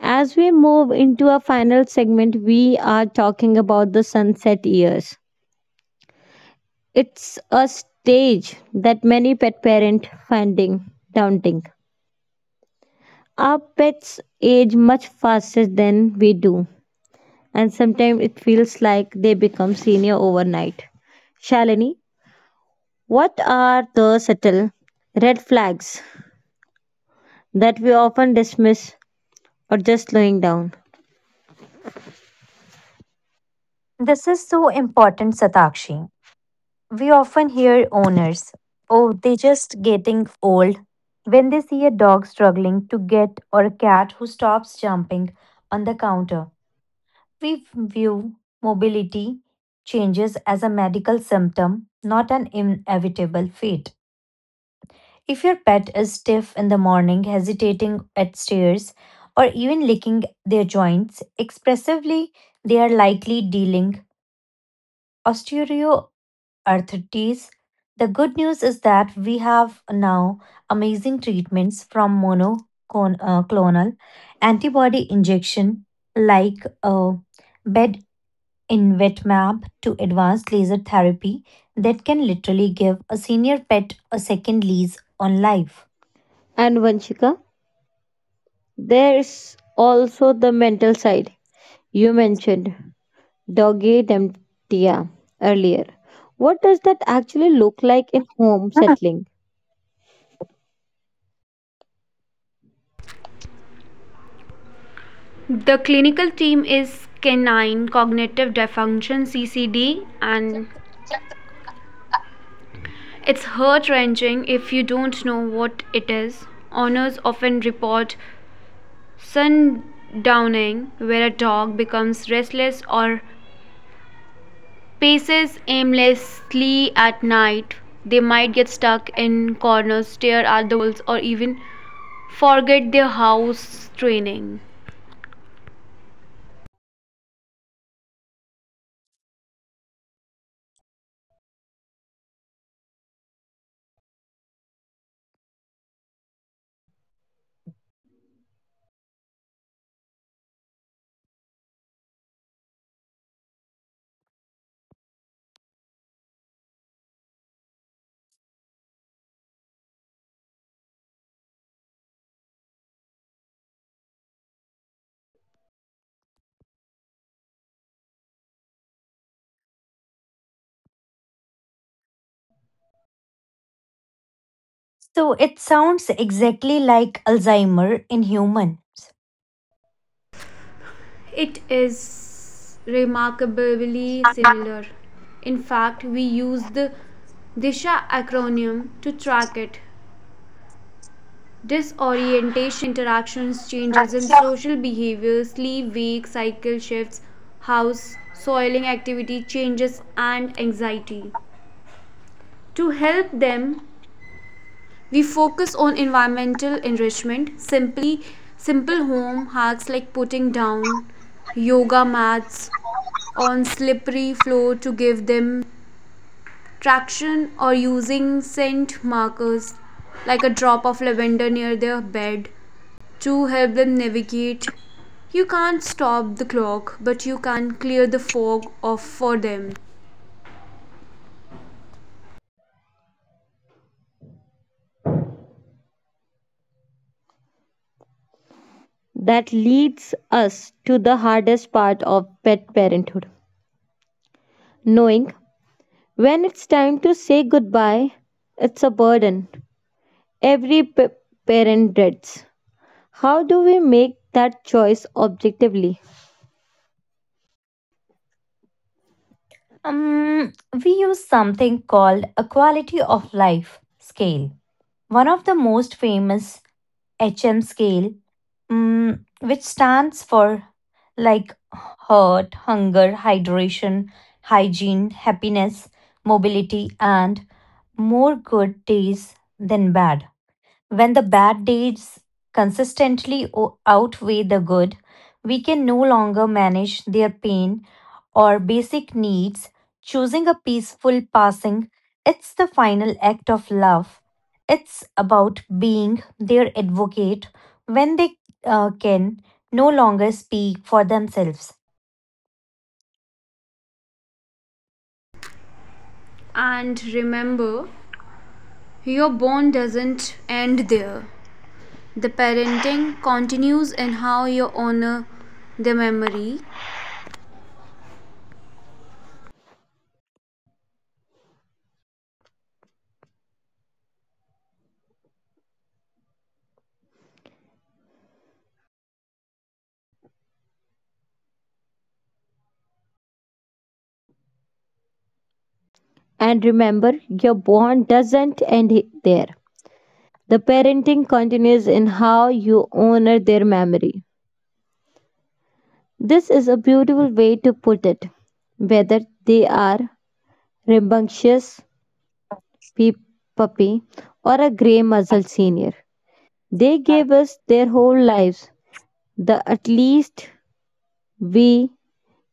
A: As we move into our final segment, we are talking about the sunset years. It's a stage that many pet parents finding daunting. Our pets age much faster than we do, and sometimes it feels like they become senior overnight. Shalini, what are the subtle red flags that we often dismiss or just slowing down?
B: This is so important, Satakshi. We often hear owners, oh, they're just getting old. When they see a dog struggling to get or a cat who stops jumping on the counter, we view mobility changes as a medical symptom, not an inevitable fate. If your pet is stiff in the morning, hesitating at stairs, or even licking their joints expressively, they are likely dealing osteoarthritis. The good news is that we have now amazing treatments from monoclonal antibody injection like in VetMab to advanced laser therapy that can literally give a senior pet a second lease on life.
A: And Vanshika, there's also the mental side you mentioned. Doggy Temptia earlier. What does that actually look like in home
B: Mhm.
A: settling?
C: The clinical team is canine cognitive dysfunction CCD, and it's heart wrenching if you don't know what it is. Owners often report sundowning where a dog becomes restless or paces aimlessly at night. They might get stuck in corners, stare at the walls, or even forget their house training.
B: So it sounds exactly like Alzheimer in
C: It is remarkably
B: humans.
C: similar. In fact, we use the DISHA acronym to track it. Disorientation, interactions, changes in social behavior, sleep, wake, cycle shifts, house, soiling activity, changes, and anxiety. To help them we focus on environmental enrichment, simply simple home hacks like putting down yoga mats on slippery floor to give them traction, or using scent markers like a drop of lavender near their bed to help them navigate. You can't stop the clock, but you can clear the fog off for them.
A: That leads us to the hardest part of pet parenthood knowing when it's time to say goodbye, it's a burden. Every parent dreads. How do we make that choice objectively?
B: Um, we use something called a quality of life scale, one of the most famous HM scale which stands for like heart, hunger, hydration, hygiene, happiness, mobility, and more good days than bad. When the bad days consistently outweigh the good, we can no longer manage their pain or basic needs, choosing a peaceful passing, it's the final act of love. It's about being their advocate when they can no longer speak for themselves.
C: And remember, your bond doesn't end there. The parenting continues in how you honor the memory.
A: And remember, your bond doesn't end there. The parenting continues in how you honor their memory. This is a beautiful way to put it. Whether they are rambunctious pe- puppy or a grey muzzle senior, they gave us their whole lives. The at least we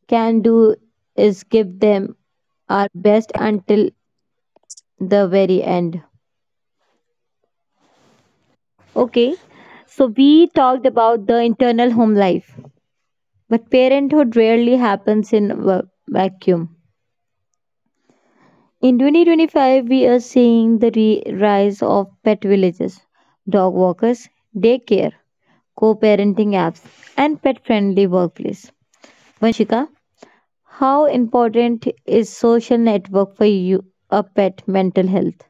A: can do is give them our best until the very end. Okay, so we talked about the internal home life, but parenthood rarely happens in a vacuum. In 2025, we are seeing the rise of pet villages, dog walkers, daycare, co parenting apps, and pet friendly workplace. Vanshika, how important is social network for you, a pet mental health?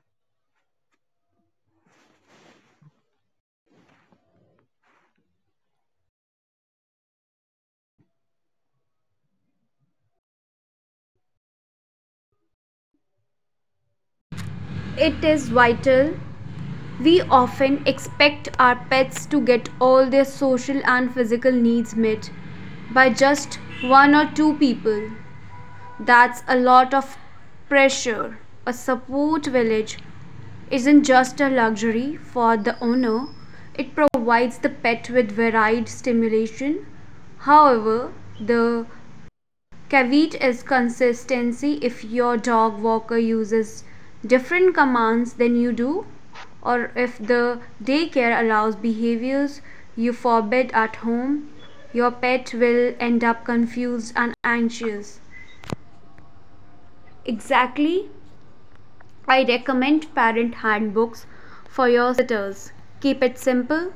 C: It is vital. We often expect our pets to get all their social and physical needs met by just one or two people. That's a lot of pressure. A support village isn't just a luxury for the owner, it provides the pet with varied stimulation. However, the caveat is consistency. If your dog walker uses different commands than you do, or if the daycare allows behaviors you forbid at home, your pet will end up confused and anxious. Exactly. I recommend parent handbooks for your sitters. Keep it simple.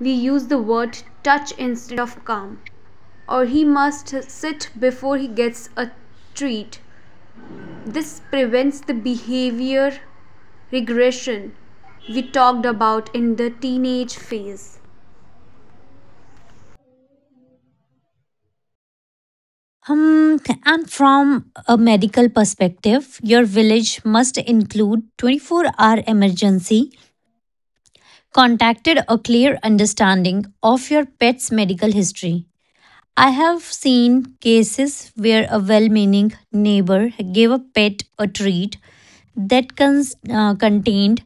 C: We use the word touch instead of come, or he must sit before he gets a treat. This prevents the behavior regression we talked about in the teenage phase.
B: Um, and from a medical perspective, your village must include 24-hour emergency contacted a clear understanding of your pet's medical history. I have seen cases where a well meaning neighbor gave a pet a treat that contained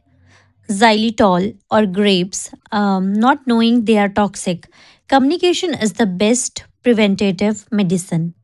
B: xylitol or grapes, not knowing they are toxic. Communication is the best preventative medicine.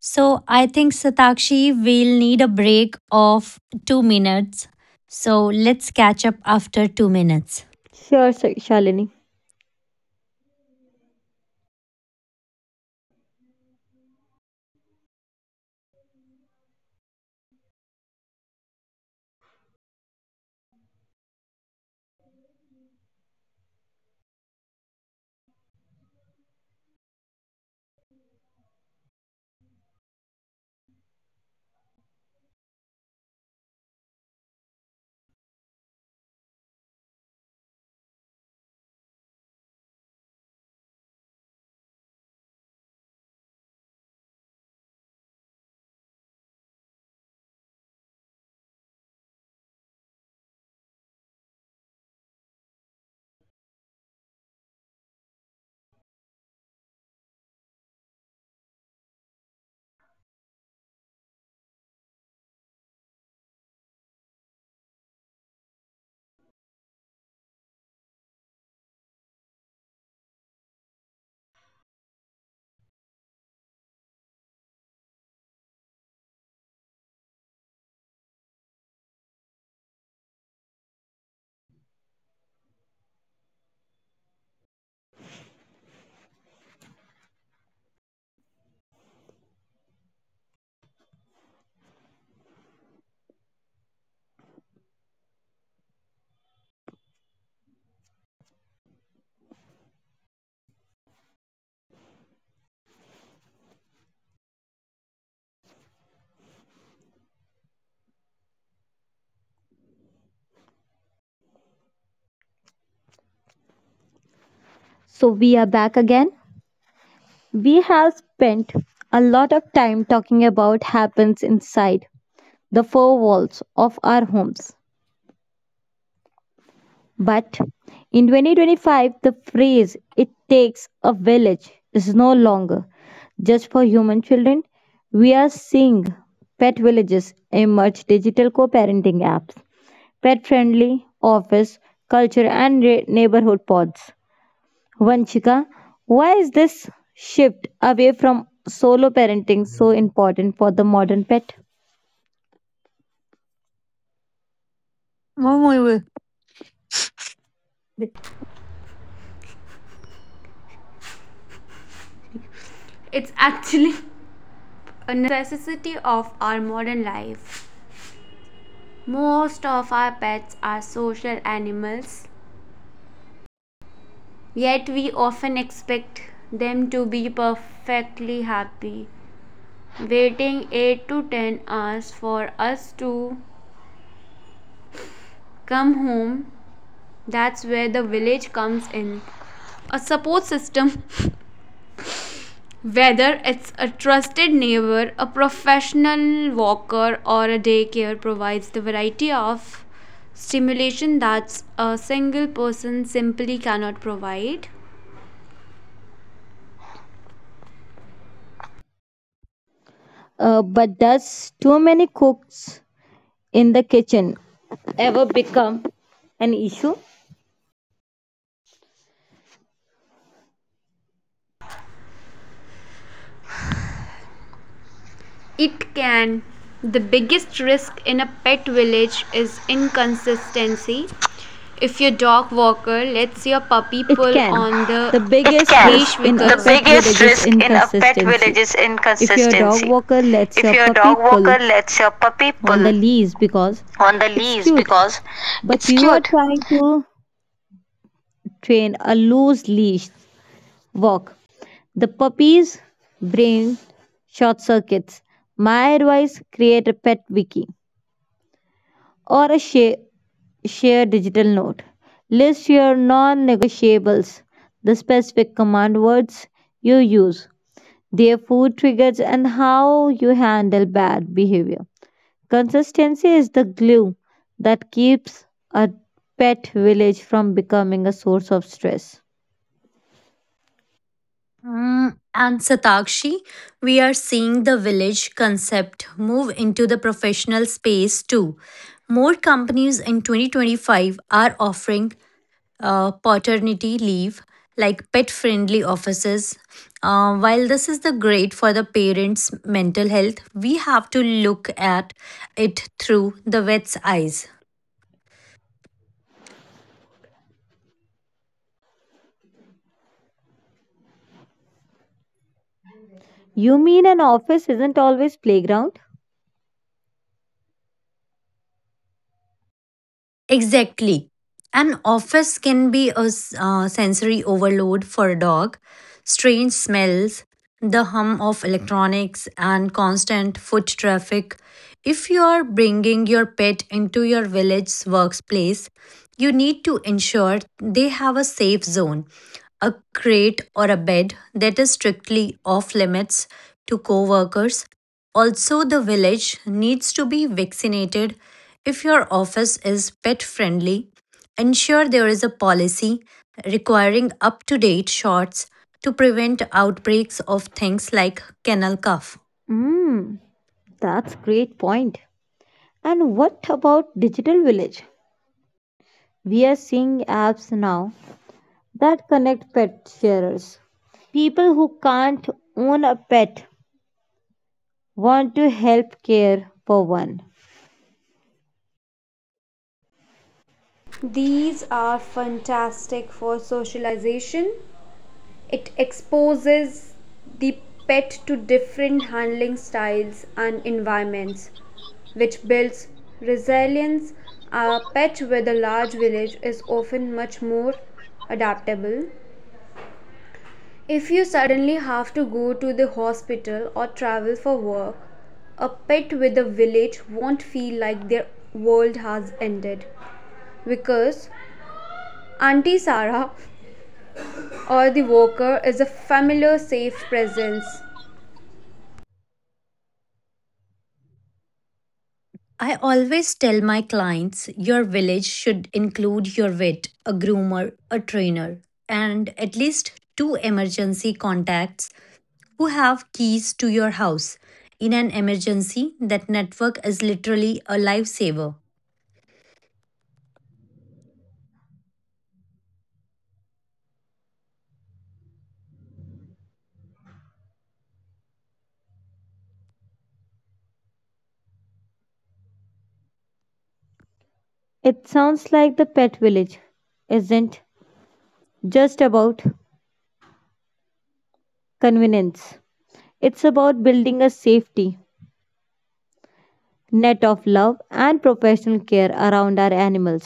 B: So I think Satakshi will need a break of 2 minutes. So let's catch up after 2 minutes.
A: Sure, Shalini. So we are back again. We have spent a lot of time talking about happens inside the four walls of our homes. But in 2025, the phrase it takes a village is no longer just for human children. We are seeing pet villages emerge digital co parenting apps, pet friendly office, culture, and neighborhood pods. Vanchika, why is this shift away from solo parenting so important for the modern pet?
B: Mă, mă, 네.
C: It's actually a necessity of our modern life. Most of our pets are social animals, yet we often expect them to be perfectly happy, waiting 8 to 10 hours for us to come home. That's where the village comes in. A support system, whether it's a trusted neighbor, a professional walker, or a daycare, provides the variety of stimulation that a single person simply cannot provide.
A: But does too many cooks in the kitchen ever become an issue?
C: It can. The biggest risk in a pet village is inconsistency. If your dog walker lets your puppy
A: It
C: pull
A: can.
C: on the
A: The
C: It
A: biggest
C: can. Leash
A: risk in a
C: because- the
A: pet
C: biggest
A: village is
C: risk in a pet village
A: inconsistency.
C: is
A: If your dog
C: inconsistency.
A: walker lets
C: If
A: your
C: your dog
A: puppy
C: walker
A: pull
C: lets your puppy
A: on the
C: pull
A: leash because
C: on the
A: it's
C: leash
A: cute,
C: because
A: but
C: it's
A: you are
C: cute,
A: trying to train a loose leash walk, the puppy's brain short circuits. My advice create a pet wiki or a share digital note. List your non negotiables, the specific command words you use, their food triggers, and how you handle bad behavior. Consistency is the glue that keeps a pet village from becoming a source of stress.
B: And Satakshi, we are seeing the village concept move into the professional space too. More companies in 2025 are offering paternity leave, like pet friendly offices. While this is the great for the parents' mental health, we have to look at it through the vet's eyes.
A: You mean an office isn't always playground?
B: Exactly. An office can be a sensory overload for a dog. Strange smells, the hum of electronics, and constant foot traffic. If you are bringing your pet into your village's workplace, you need to ensure they have a safe zone, a crate or a bed that is strictly off limits to coworkers, also, the village needs to be vaccinated. If your office is pet friendly, ensure there is a policy requiring up to date shots to prevent outbreaks of things like kennel cough.
A: Hmm, that's great point. And what about digital village? We are seeing apps now that connect pet sharers. People who can't own a pet want to help care for one.
C: these are fantastic for socialization. It exposes the pet to different handling styles and environments, which builds resilience. A pet with a large village is often much more adaptable. If you suddenly have to go to the hospital or travel for work, a pet with a village won't feel like their world has ended because Auntie Sarah or the worker is a familiar, safe presence.
B: I always tell my clients your village should include your vet, a groomer, a trainer, and at least two emergency contacts who have keys to your house in an emergency. That network is literally a lifesaver.
A: It sounds like the pet village isn't just about convenience, it's about building a safety net of love and professional care around our animals.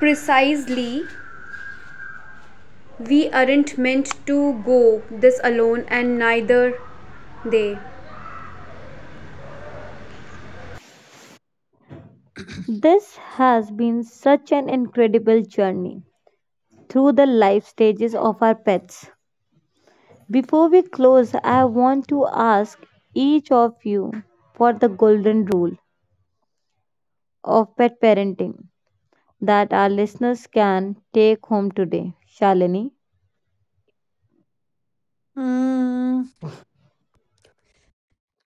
C: Precisely, we aren't meant to go this alone, and neither they.
A: This has been such an incredible journey through the life stages of our pets. Before we close, I want to ask each of you for the golden rule of pet parenting that our listeners can take home today. Shalini
B: Mm,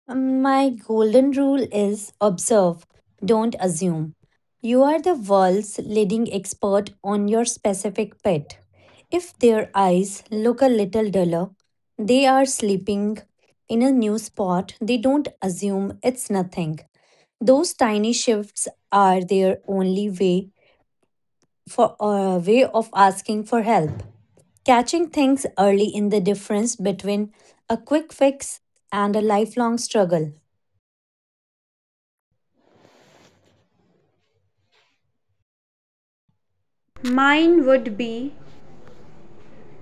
B: my golden rule is observe, don't assume. You are the world's leading expert on your specific pet. If their eyes look a little duller, they are sleeping in a new spot, they don't assume it's nothing. Those tiny shifts are their only way for a way of asking for help. Catching things early in the difference between a quick fix and a lifelong struggle.
C: Mine would be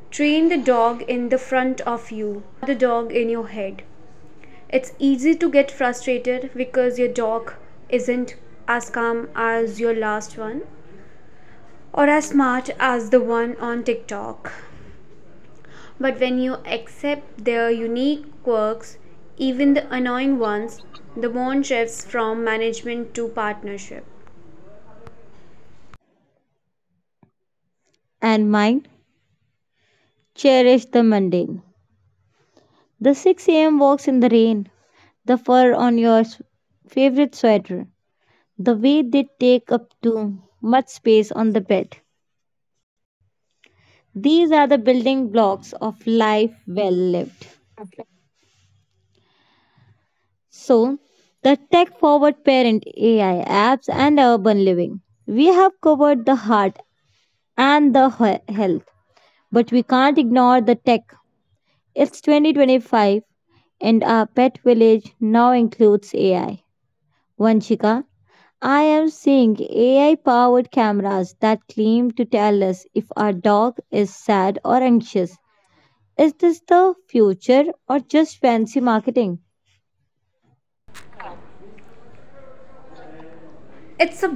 C: train the dog in the front of you, the dog in your head. It's easy to get frustrated because your dog isn't as calm as your last one or as smart as the one on TikTok. But when you accept their unique quirks, even the annoying ones, the bond shifts from management to partnership.
A: and mine, cherish the mundane. The 6 a.m. walks in the rain, the fur on your favorite sweater, the way they take up too much space on the bed. These are the building blocks of life well lived. So, the tech forward parent, AI apps, and urban living. We have covered the heart and the health, but we can't ignore the tech. It's 2025, and our pet village now includes AI. Vanshika, I am seeing AI powered cameras that claim to tell us if our dog is sad or anxious. Is this the future or just fancy marketing?
C: It's a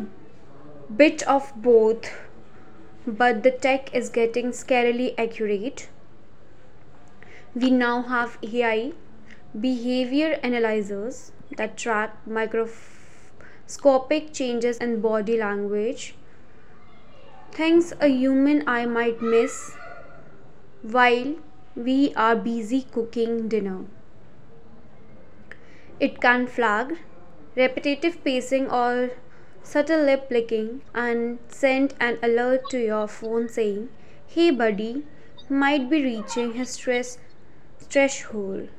C: bit of both, but the tech is getting scarily accurate. We now have AI behavior analyzers that track microscopic changes in body language, things a human eye might miss while we are busy cooking dinner. It can flag repetitive pacing or subtle lip licking and send an alert to your phone saying, hey buddy, might be reaching his stress threshold.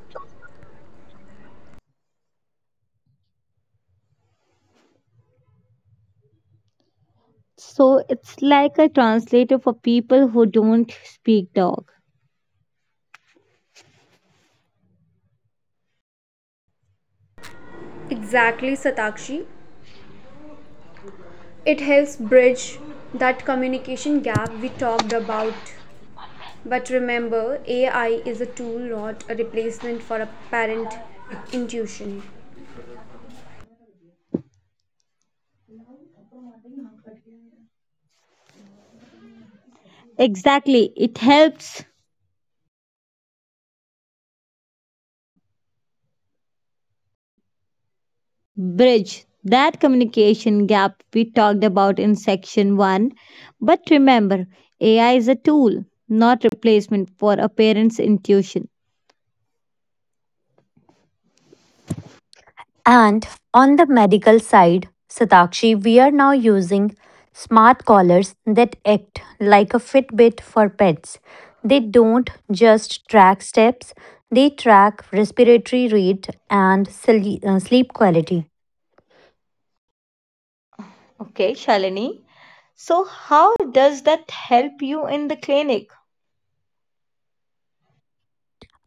A: So it's like a translator for people who don't speak dog.
C: Exactly, Satakshi. It helps bridge that communication gap we talked about. But remember, AI is a tool, not a replacement for a parent intuition.
A: Exactly. It helps bridge that communication gap we talked about in section 1. But remember, AI is a tool, not replacement for a parent's intuition.
B: And on the medical side, Satakshi, we are now using smart collars that act like a Fitbit for pets. They don't just track steps, they track respiratory rate and sleep quality.
A: Okay, Shalini. So how does that help you in the clinic?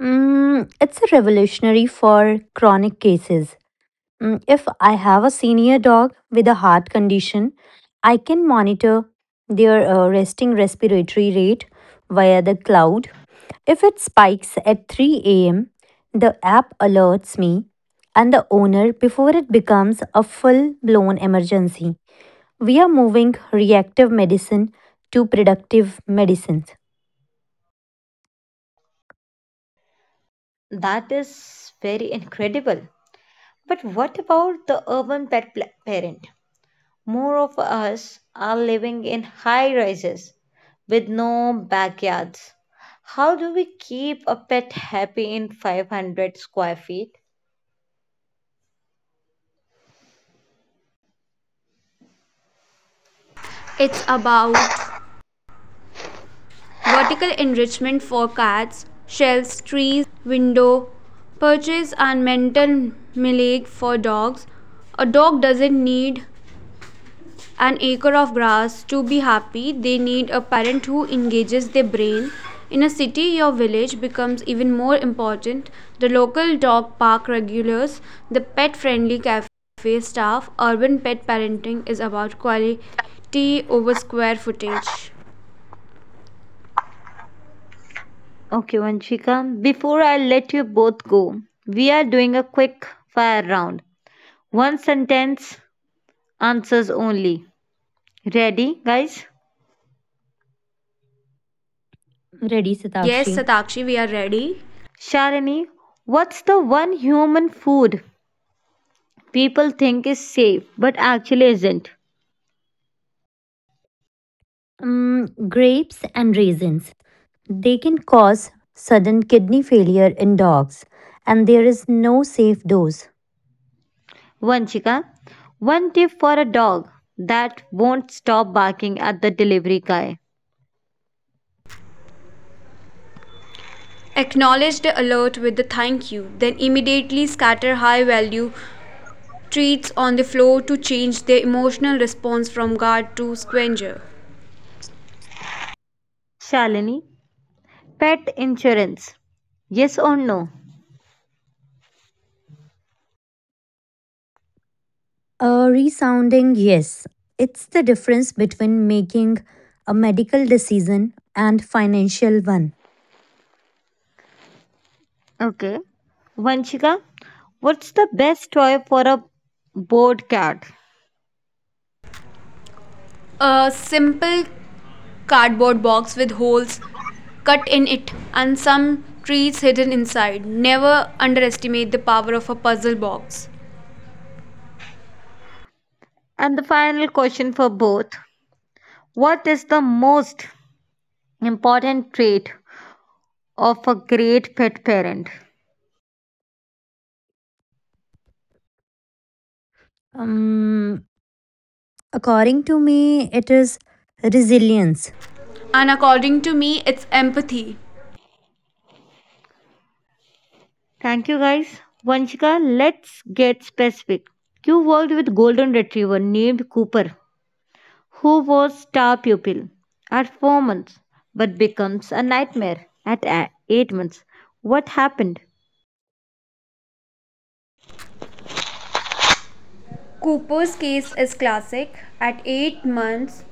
B: It's a revolutionary for chronic cases. If I have a senior dog with a heart condition, I can monitor their resting respiratory rate via the cloud. If it spikes at 3 a.m., the app alerts me and the owner before it becomes a full blown emergency. We are moving reactive medicine to predictive medicine.
A: That is very incredible. But what about the urban pet parent more of us are living in high rises with no backyards. How do we keep a pet happy in 500 square feet?
C: It's about vertical enrichment for cats, shelves, trees, window, perches and mental milling for dogs. A dog doesn't need an acre of grass to be happy. They need a parent who engages their brain. In a city, your village becomes even more important. The local dog park regulars, the pet friendly cafe staff, urban pet parenting is about quality over square footage.
A: Okay, Vanshika, before I let you both go, we are doing a quick fire round. One sentence, answers only. Ready, guys?
B: Ready,
C: Yes,
B: Satakshi.
C: Satakshi, we are ready.
A: Sharani, what's the one human food people think is safe but actually isn't?
B: Grapes and raisins. They can cause sudden kidney failure in dogs, and there is no safe dose.
A: Vanchika, one tip for a dog that won't stop barking at the delivery guy.
C: Acknowledge the alert with the thank you, then immediately scatter high value treats on the floor to change their emotional response from guard to scavenger.
A: Shalini, pet insurance. Yes or no?
B: A resounding yes. It's the difference between making a medical decision and financial one.
A: Okay. Vanchika, what's the best toy for a bored cat?
C: A simple cardboard box with holes cut in it and some treats hidden inside. Never underestimate the power of a puzzle box.
A: And the final question for both what is the most important trait of a great pet parent?
B: Um, according to me, it is resilience.
C: And according to me, it's empathy.
A: Thank you guys. Vanchika, let's get specific. You worked with golden retriever named Cooper who was star pupil at 4 months but becomes a nightmare at 8 months. What happened?
C: Cooper's case is classic. At 8 months,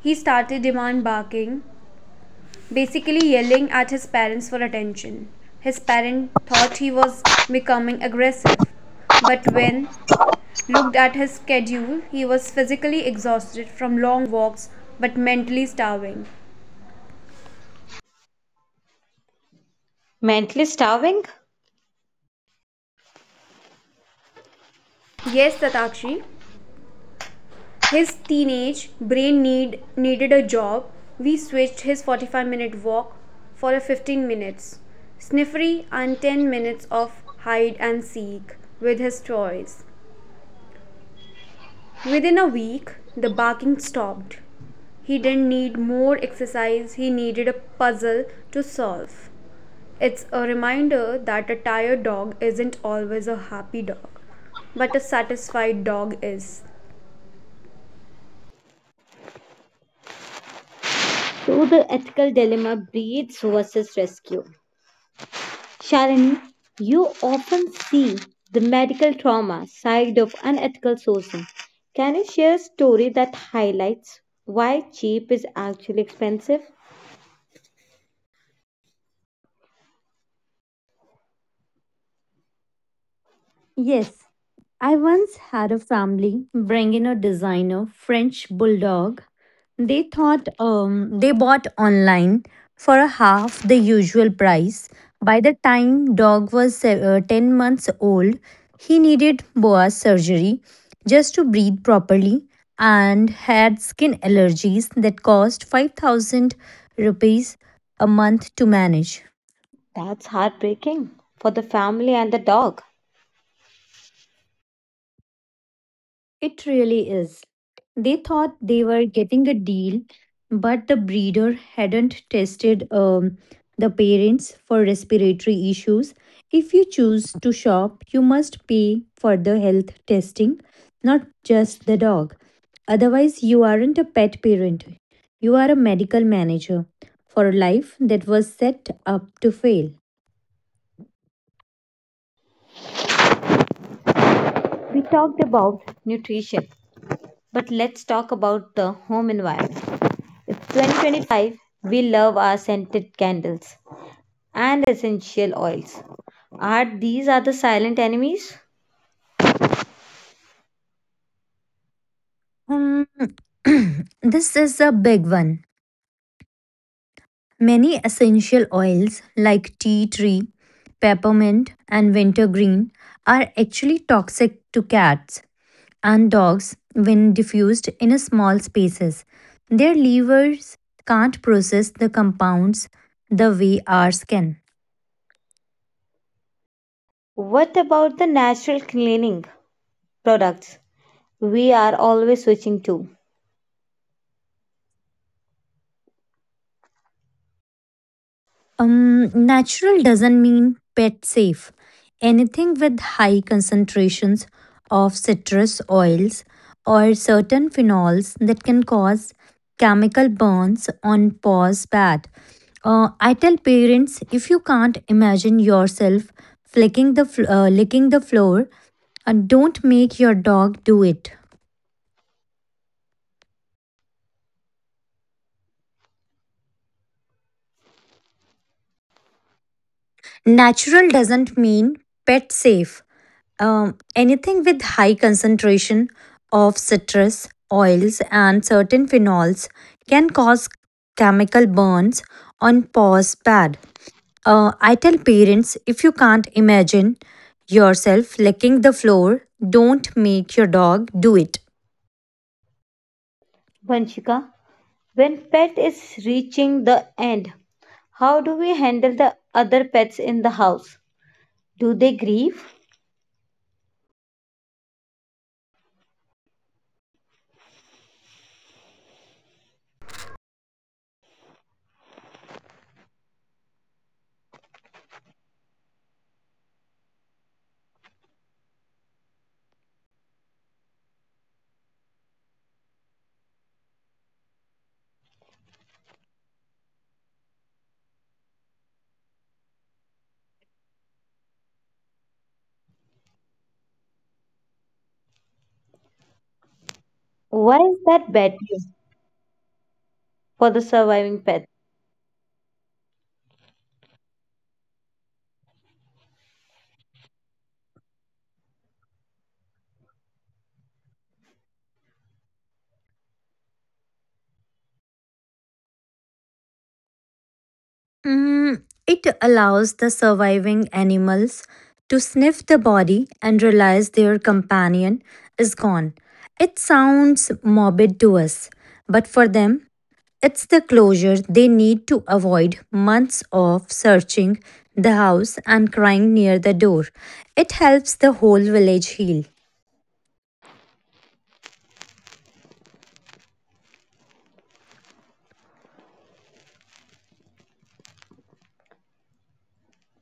C: he started demand barking, basically yelling at his parents for attention. His parent thought he was becoming aggressive, but when looked at his schedule, he was physically exhausted from long walks but mentally starving.
A: Mentally starving?
C: Yes, Tatakshi, his teenage brain needed a job. We switched his 45-minute walk for a 15 minutes sniffery and 10 minutes of hide and seek with his toys. Within a week, the barking stopped. He didn't need more exercise, he needed a puzzle to solve. It's a reminder that a tired dog isn't always a happy dog, but a satisfied dog is.
A: So the ethical dilemma breeds versus rescue. Shalini, you often see the medical trauma side of unethical sourcing. Can you share a story that highlights why cheap is actually expensive?
B: Yes, I once had a family bring in a designer French bulldog. They thought they bought online for a half the usual price. By the time dog was 10 months old, he needed boa surgery just to breathe properly and had skin allergies that cost 5,000 rupees a month to manage.
A: That's heartbreaking for the family and the dog.
B: It really is. They thought they were getting a deal, but the breeder hadn't tested the parents for respiratory issues. If you choose to shop, you must pay for the health testing, not just the dog. Otherwise, you aren't a pet parent. You are a medical manager for a life that was set up to fail.
A: We talked about nutrition, but let's talk about the home environment. In 2025, we love our scented candles and essential oils. Are these are the silent enemies?
B: Um, this is a big one. Many essential oils like tea tree, peppermint, and wintergreen are actually toxic to cats. And dogs when diffused in small spaces. Their livers can't process the compounds the way ours can.
A: What about the natural cleaning products? We are always switching to.
B: Natural doesn't mean pet safe. Anything with high concentrations of citrus oils or certain phenols that can cause chemical burns on paws bad. I tell parents, if you can't imagine yourself flicking the licking the floor, don't make your dog do it. Natural doesn't mean pet safe. Anything with high concentration of citrus oils and certain phenols can cause chemical burns on paws pad. I tell parents, if you can't imagine yourself licking the floor, don't make your dog do it.
A: Vanshika, when pet is reaching the end, how do we handle the other pets in the house? Do they grieve? Why is that bad news for the surviving pets?
B: Mm, it allows the surviving animals to sniff the body and realize their companion is gone. It sounds morbid to us, but for them, it's the closure they need to avoid months of searching the house and crying near the door. It helps the whole village heal.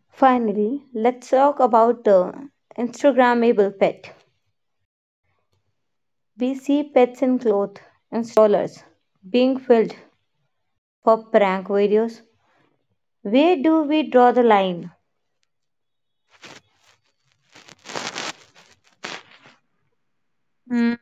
A: Finally, let's talk about the Instagrammable pet. We see pets in clothes and strollers being filled for prank videos. Where do we draw the line?
B: Mm.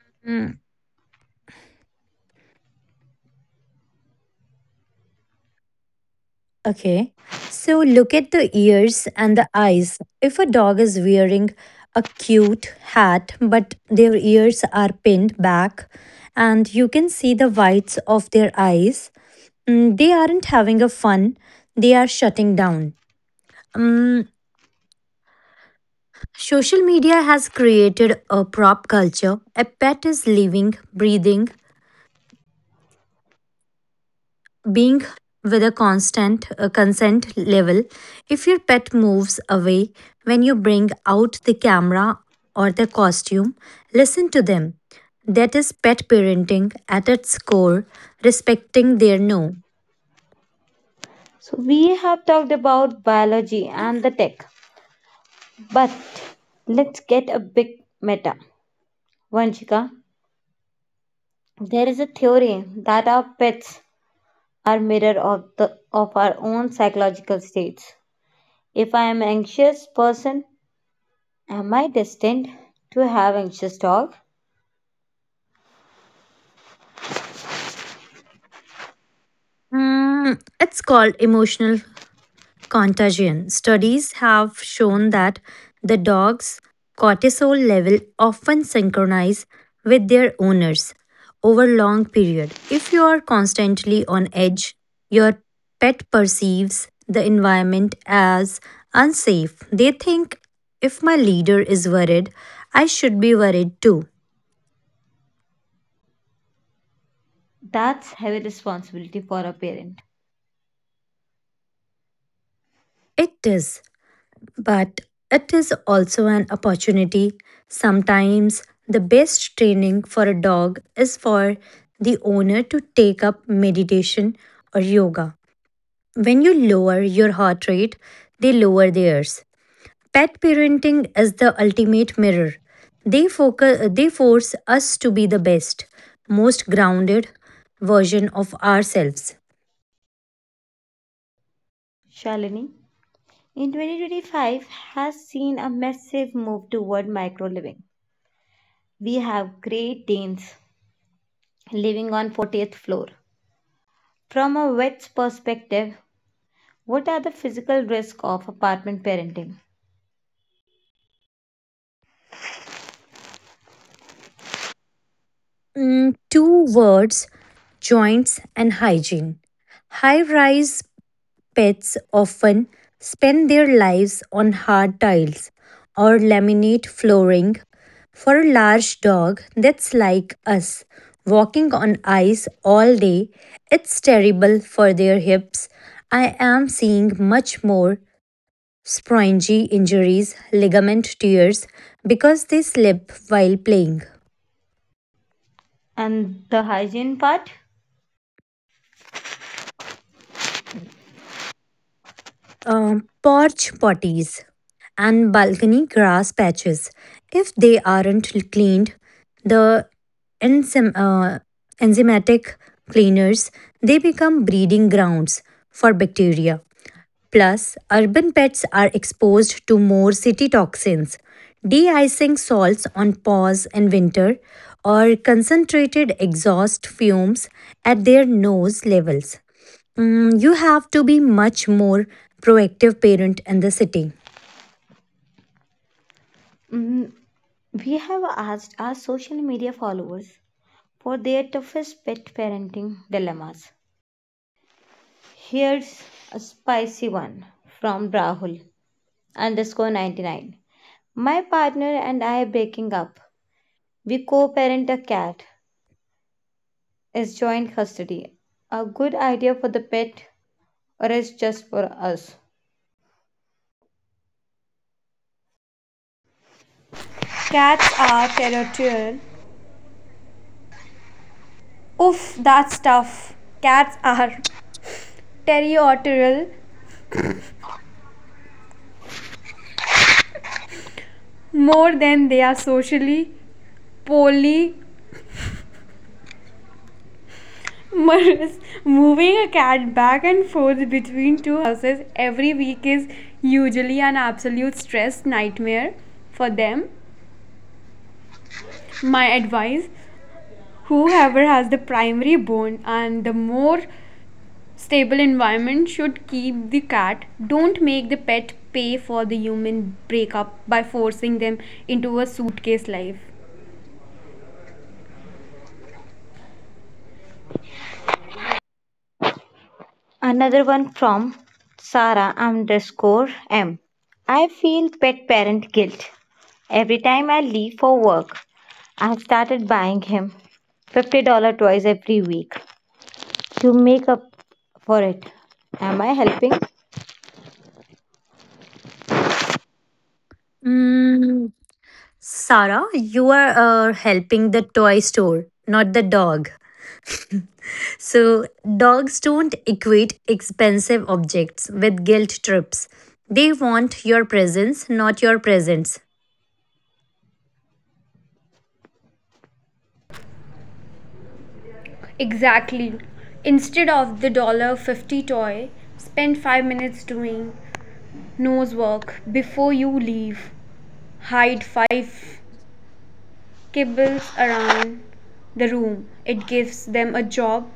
B: Okay, so look at the ears and the eyes. If a dog is wearing a cute hat, but their ears are pinned back and you can see the whites of their eyes, they aren't having a fun, they are shutting down. Mm. Social media has created a prop culture. A pet is living, breathing, being with a constant consent level. If your pet moves away when you bring out the camera or the costume, listen to them. That is pet parenting at its core, respecting their no.
A: So, we have talked about biology and the tech, but let's get a bit meta. Vanchika, there is a theory that our pets are mirror of the of our own psychological states. If I am an anxious person, am I destined to have anxious dog?
B: Hmm, it's called emotional contagion. Studies have shown that the dog's cortisol level often synchronize with their owners over long period. If you are constantly on edge, your pet perceives the environment as unsafe. They think, if my leader is worried, I should be worried too.
A: That's heavy responsibility for a parent.
B: It is. But it is also an opportunity. Sometimes the best training for a dog is for the owner to take up meditation or yoga. When you lower your heart rate, they lower theirs. Pet parenting is the ultimate mirror. They focus, they force us to be the best, most grounded version of ourselves.
A: Shalini, in 2025, has seen a massive move toward micro living. We have Great Danes living on 40th floor. From a vet's perspective, what are the physical risks of apartment parenting?
B: Mm, two words: joints and hygiene. High rise pets often spend their lives on hard tiles or laminate flooring. For a large dog, that's like us walking on ice all day. It's terrible for their hips. I am seeing much more springy injuries, ligament tears, because they slip while playing.
A: And the hygiene part?
B: Porch potties and balcony grass patches. If they aren't cleaned, the enzym, uh, enzymatic cleaners, they become breeding grounds for bacteria. Plus, urban pets are exposed to more city toxins. De-icing salts on paws in winter or concentrated exhaust fumes at their nose levels. Mm, you have to be much more proactive parent in the city.
A: Mm, we have asked our social media followers for their toughest pet parenting dilemmas. Here's a spicy one from Rahul underscore 99. My partner and I are breaking up. We co parent a cat. Is joint custody a good idea for the pet or is just for us?
C: Cats are territorial. Oof, that's tough. Cats are territorial more than they are socially polyamorous. Moving a cat back and forth between two houses every week is usually an absolute stress nightmare for them. My advice, whoever has the primary bone and the more stable environment should keep the cat. Don't make the pet pay for the human breakup by forcing them into a suitcase life.
A: Another one from Sarah underscore M. I feel pet parent guilt. Every time I leave for work, I have started buying him $50 toys every week to make up for it. Am I helping?
B: Mm, Sarah, you are helping the toy store, not the dog. So dogs don't equate expensive objects with guilt trips. They want your presence, not your presents.
C: Exactly. Instead of the dollar 50 toy, spend 5 minutes doing nose work before you leave. Hide five kibbles around the room. It gives them a job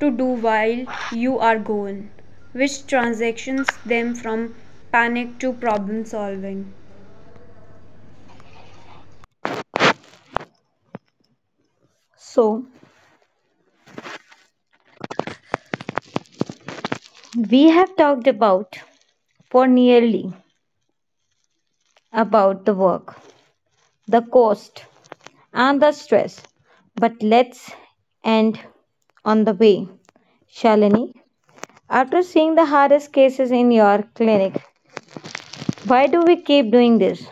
C: to do while you are gone, which transitions them from panic to problem solving.
A: So, we have talked about for nearly about the work, the cost, and the stress. But let's end on the way, Shalini. After seeing the hardest cases in your clinic, why do we keep doing this?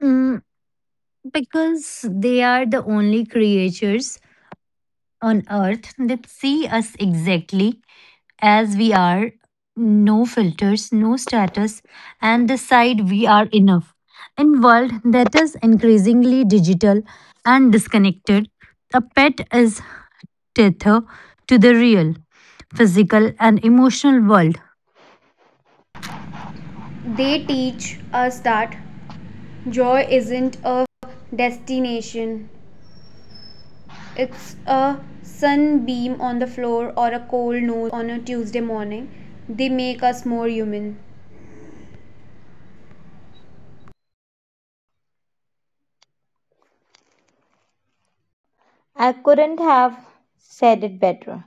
B: Mm, because they are the only creatures on earth that see us exactly as we are, no filters, no status, and decide we are enough. In world that is increasingly digital and disconnected, a pet is tether to the real, physical and emotional world.
C: They teach us that joy isn't a destination, it's a sunbeam on the floor or a cold nose on a Tuesday morning. They make us more human.
A: I couldn't have said it better.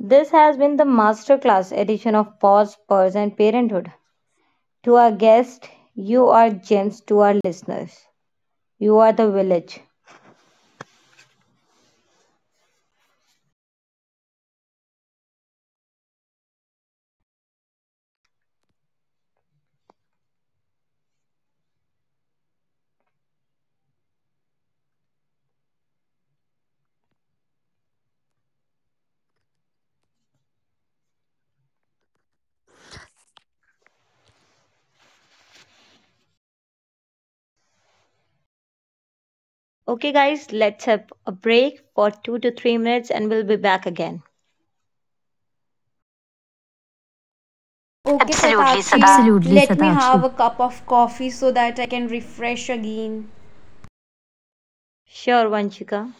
A: This has been the masterclass edition of Pause, Purse, and Parenthood. To our guest, you are gems to our listeners. You are the village. Okay, guys, let's have a break for 2 to 3 minutes and we'll be back again.
C: Okay, absolutely,
B: Absolutely,
C: let me have
B: Satakshi.
C: a cup of coffee so that I can refresh again.
A: Sure, Vanchika.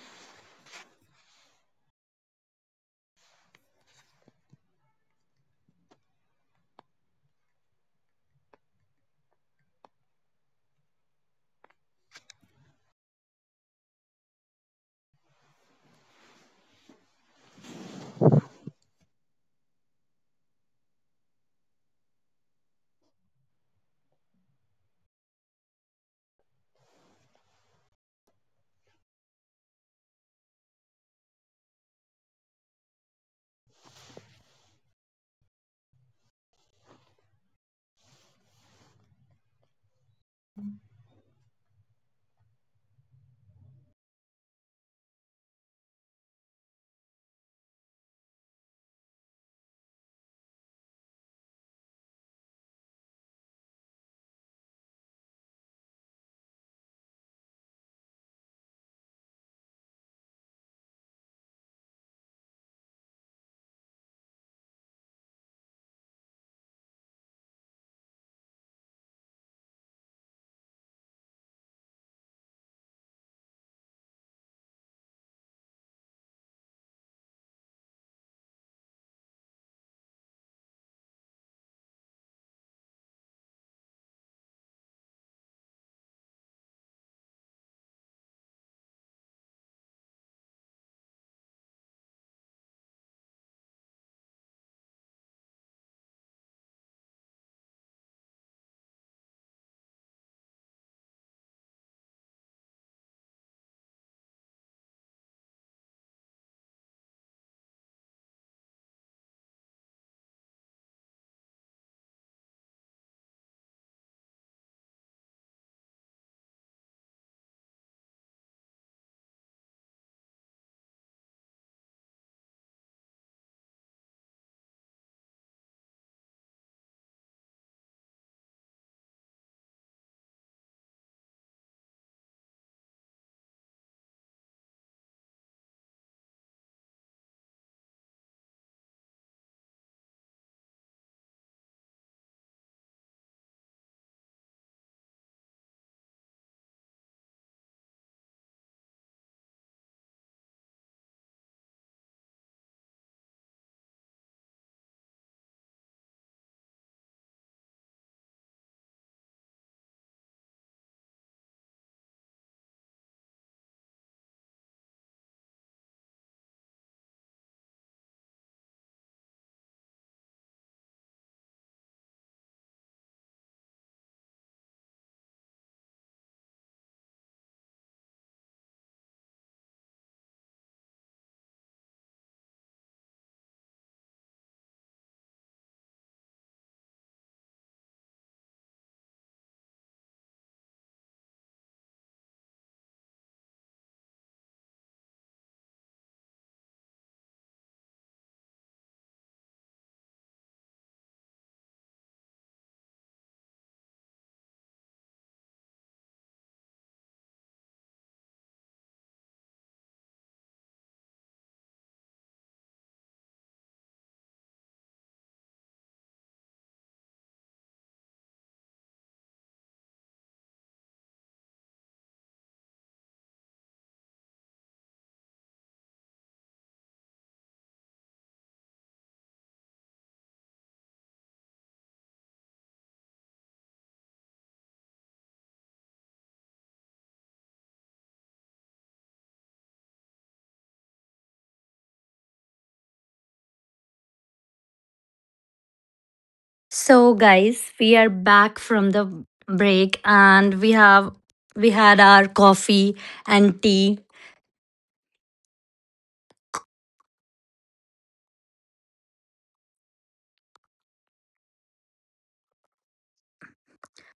B: So guys, we are back from the break and we had our coffee and tea.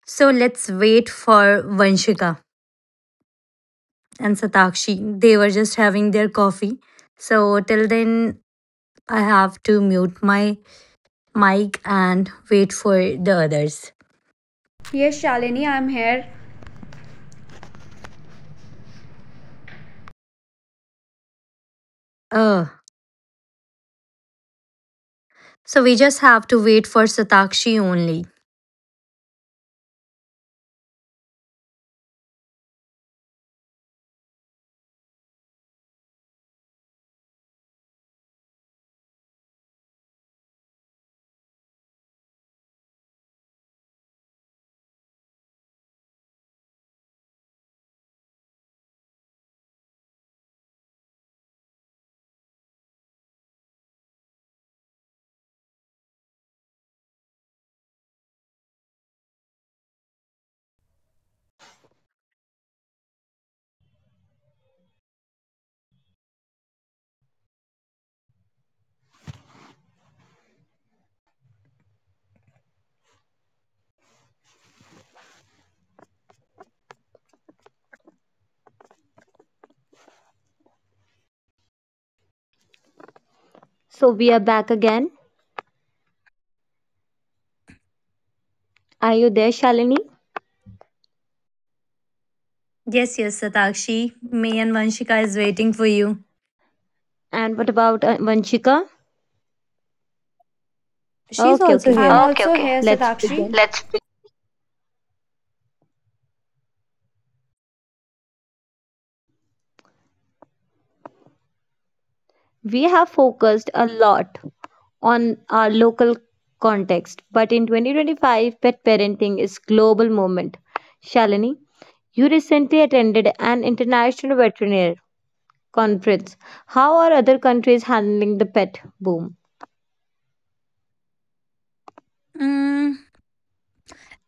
B: So let's wait for Vanshika and Satakshi. They were just having their coffee. So till then, I have to mute my mic and wait for the others.
C: Yes, Shalini, I'm here.
B: Uh, so we just have to wait for Satakshi only.
A: So we are back again. Are you there, Shalini?
B: Yes, yes, Satakshi. Me and Vanshika is waiting for you.
A: And what about Vanshika?
B: She's
A: Okay,
B: also
A: okay.
C: I'm
B: here.
C: Okay, also okay.
A: Let's
C: Satakshi.
A: begin.
C: Let's
A: We have focused a lot on our local context, but in 2025, pet parenting is global movement. Shalini, you recently attended an international veterinary conference. How are other countries handling the pet boom?
B: Mm,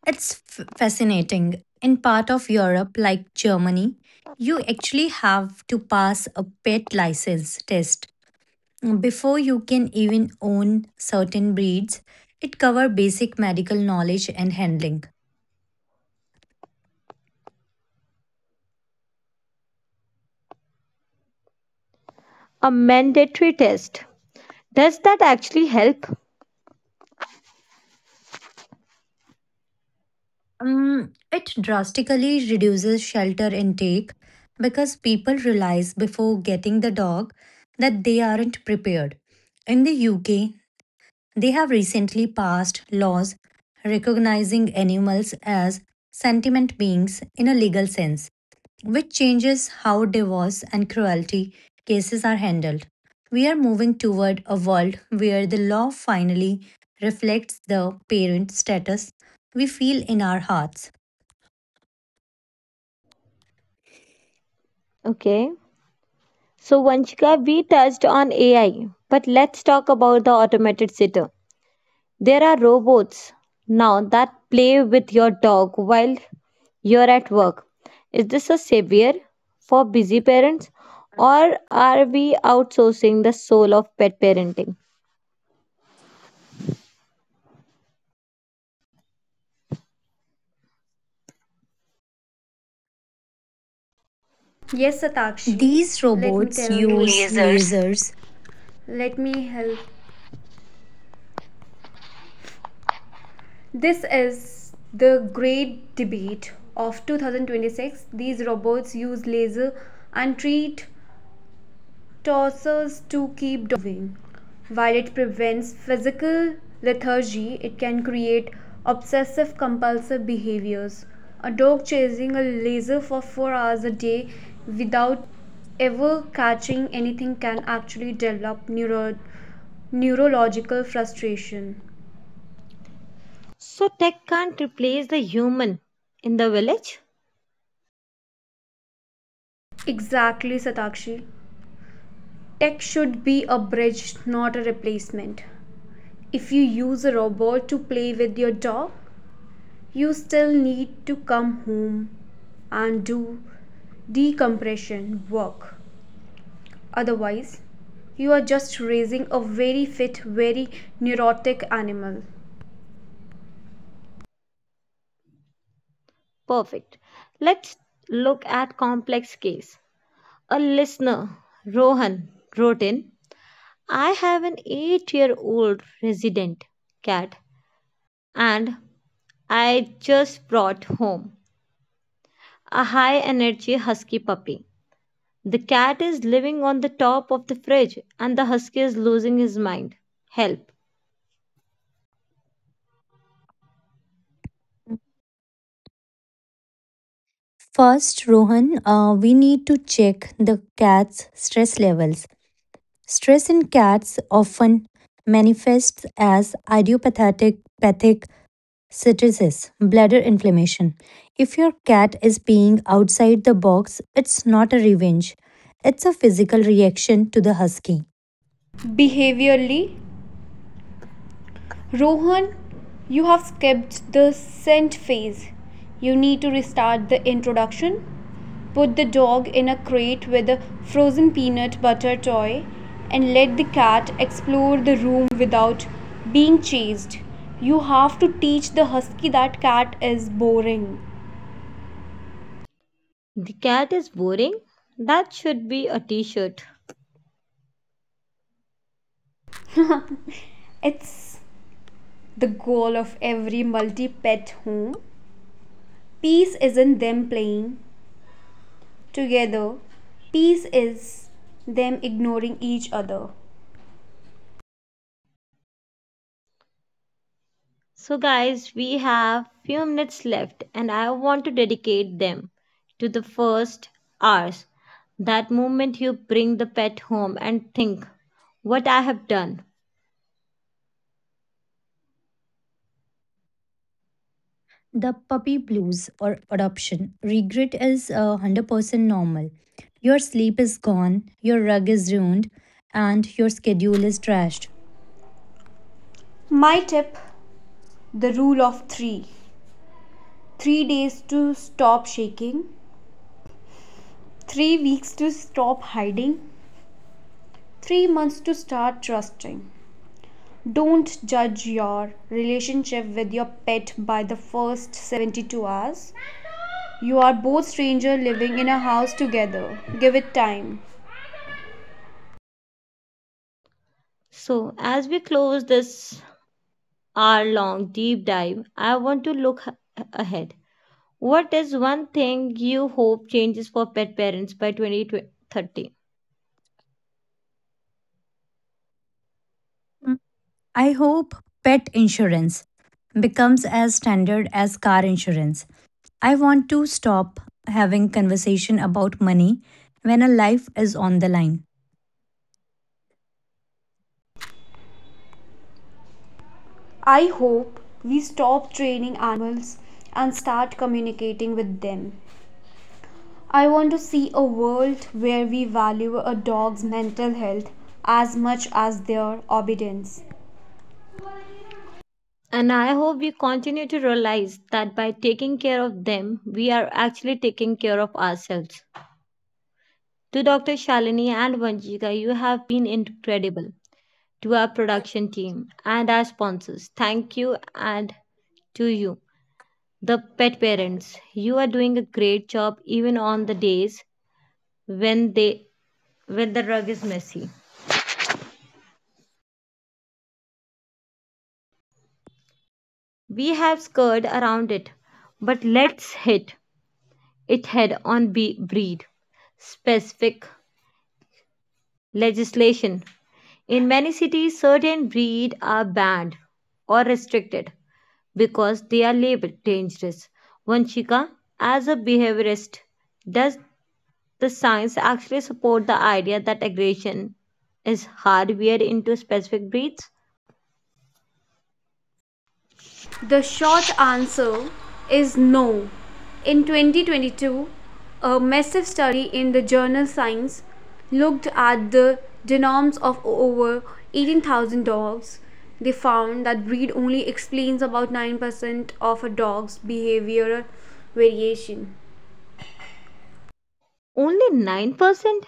B: it's fascinating. In part of Europe, like Germany, you actually have to pass a pet license test before you can even own certain breeds. It cover basic medical knowledge and handling.
A: A mandatory test. Does that actually help?
B: It drastically reduces shelter intake because people realize before getting the dog that they aren't prepared. In the UK, they have recently passed laws recognizing animals as sentient beings in a legal sense, which changes how divorce and cruelty cases are handled. We are moving toward a world where the law finally reflects the parent status we feel in our hearts.
A: Okay. So, Vanchika, we touched on AI, but let's talk about the automated sitter. There are robots now that play with your dog while you're at work. Is this a savior for busy parents, or are we outsourcing the soul of pet parenting?
C: Yes, Satakshi.
B: These
C: Let me
B: robots
C: tell you.
B: use
C: Lasers.
B: lasers.
C: Let me help This is the great debate of 2026. These robots use laser and treat tossers to keep moving. While it prevents physical lethargy, it can create obsessive compulsive behaviors. A dog chasing a laser for 4 hours a day without ever catching anything can actually develop neurological frustration.
A: So, tech can't replace the human in the village?
C: Exactly, Satakshi. Tech should be a bridge, not a replacement. If you use a robot to play with your dog, you still need to come home and do decompression work. Otherwise, you are just raising a very fit, very neurotic animal.
A: Perfect. Let's look at complex case. A listener, Rohan, wrote in I have an 8 year old resident cat, and I just brought home a high energy husky puppy. The cat is living on the top of the fridge, and the husky is losing his mind. Help!
B: First, Rohan, we need to check the cat's stress levels. Stress in cats often manifests as idiopathic pathic cystitis, bladder inflammation. If your cat is being outside the box, it's not a revenge. It's a physical reaction to the husky.
C: Behaviorally, Rohan, you have skipped the scent phase. You need to restart the introduction. Put the dog in a crate with a frozen peanut butter toy and let the cat explore the room without being chased. You have to teach the husky that cat is boring.
A: The cat is boring. That should be a t shirt.
C: It's the goal of every multi pet home. Peace isn't them playing together, peace is them ignoring each other.
A: So, guys, we have few minutes left, and I want to dedicate them to the first hours. That moment you bring the pet home and think, what I have done.
B: The puppy blues or adoption regret is 100% normal. Your sleep is gone, your rug is ruined, and your schedule is trashed.
C: My tip, the rule of 3, 3 days to stop shaking, 3 weeks to stop hiding, 3 months to start trusting. Don't judge your relationship with your pet by the first 72 hours. You are both strangers living in a house together. Give it time.
A: So, as we close this hour long deep dive, I want to look ahead. What is one thing you hope changes for pet parents by 2030?
B: I hope pet insurance becomes as standard as car insurance. I want to stop having conversation about money when a life is on the line.
C: I hope we stop training animals and start communicating with them. I want to see a world where we value a dog's mental health as much as their obedience.
A: And I hope we continue to realize that by taking care of them, we are actually taking care of ourselves. To Dr. Shalini and Vanjika, you have been incredible. To our production team and our sponsors, thank you. And to you, the pet parents, you are doing a great job even on the days when they when the rug is messy. We have skirted around it, but let's hit it head on. Be breed specific legislation. In many cities, certain breed are banned or restricted because they are labeled dangerous. Vanshika, as a behaviorist, does the science actually support the idea that aggression is hardwired into specific breeds?
C: The short answer is no. In 2022, a massive study in the journal Science looked at the genomes of over 18,000 dogs. They found that breed only explains about 9% of a dog's behavioral variation.
A: Only 9%?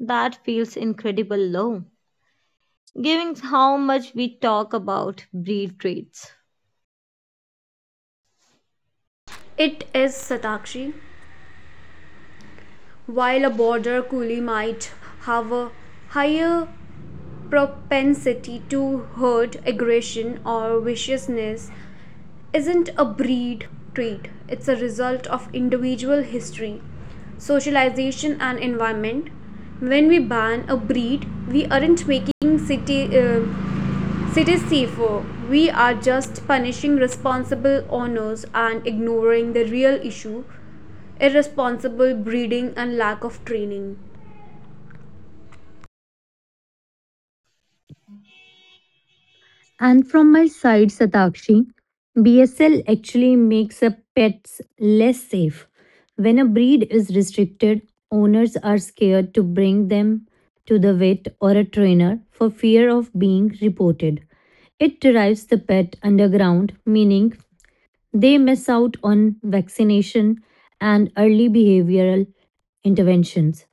A: That feels incredible low, given how much we talk about breed traits.
C: It is Satakshi. While a border collie might have a higher propensity to herd, aggression or viciousness isn't a breed trait, it's a result of individual history, socialization, and environment. When we ban a breed, we aren't making cities safer, we are just punishing responsible owners and ignoring the real issue, irresponsible breeding and lack of training.
B: And from my side, Satakshi, BSL actually makes a pets less safe. When a breed is restricted, owners are scared to bring them to the vet or a trainer for fear of being reported. It drives the pet underground, meaning they miss out on vaccination and early behavioral interventions.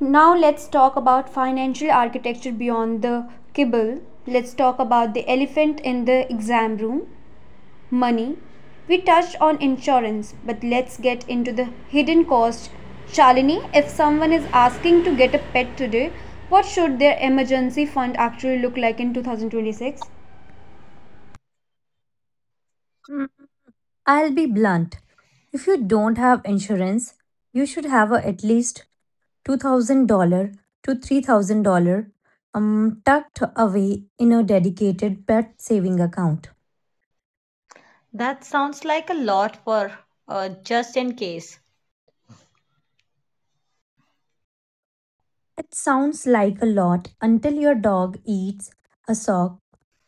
C: Now let's talk about financial architecture beyond the kibble. Let's talk about the elephant in the exam room: money. We touched on insurance, but let's get into the hidden cost. Shalini, if someone is asking to get a pet today, what should their emergency fund actually look like in 2026?
B: Mm, I'll be blunt. If you don't have insurance, you should have a at least $2,000 to $3,000 tucked away in a dedicated pet saving account.
A: That sounds like a lot for just in case.
B: It sounds like a lot until your dog eats a sock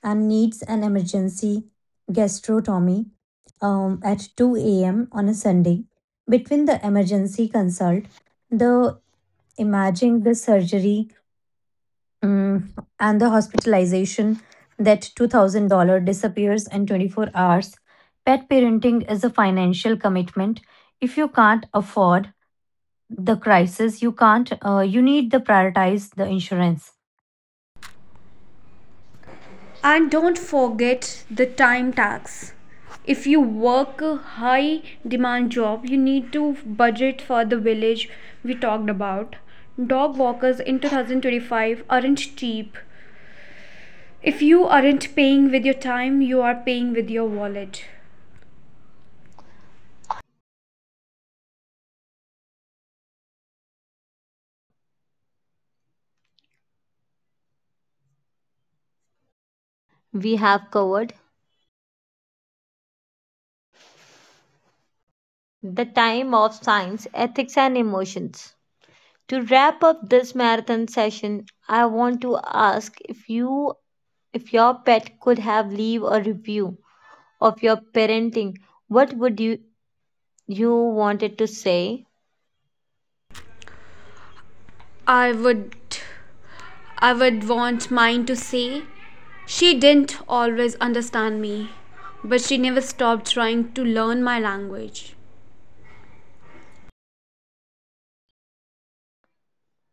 B: and needs an emergency gastrotomy at 2 a.m. on a Sunday. Between the emergency consult, the imaging, the surgery, mm, and the hospitalization, that $2,000 disappears in 24 hours. Pet parenting is a financial commitment. If you can't afford the crisis, you can't, you need to prioritize the insurance.
C: And don't forget the time tax. If you work a high demand job, you need to budget for the village we talked about. Dog walkers in 2025 aren't cheap. If you aren't paying with your time, you are paying with your wallet.
A: We have covered the time of science, ethics, and emotions. To wrap up this marathon session, I want to ask if you if your pet could have leave a review of your parenting, what would you wanted to say?
C: I would I would want mine to say she didn't always understand me, but she never stopped trying to learn my language.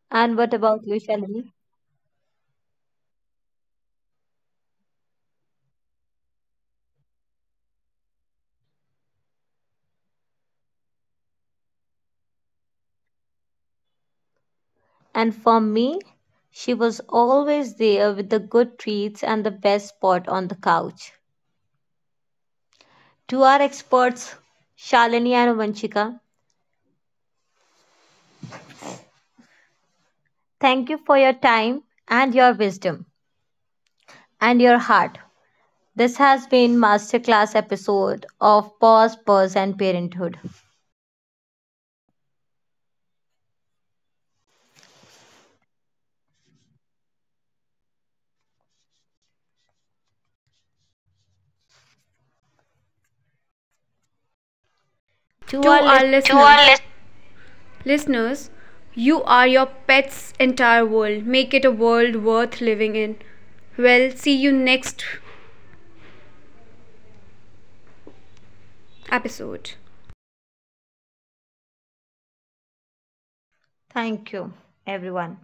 A: And what about you, Shalini? And for me, she was always there with the good treats and the best spot on the couch. To our experts, Shalini and Vanchika, thank you for your time and your wisdom and your heart. This has been masterclass episode of Pause, Pause and Parenthood. To our listeners,
C: To our listeners, you are your pet's entire world. Make it a world worth living in. Well, see you next episode.
A: thank you everyone.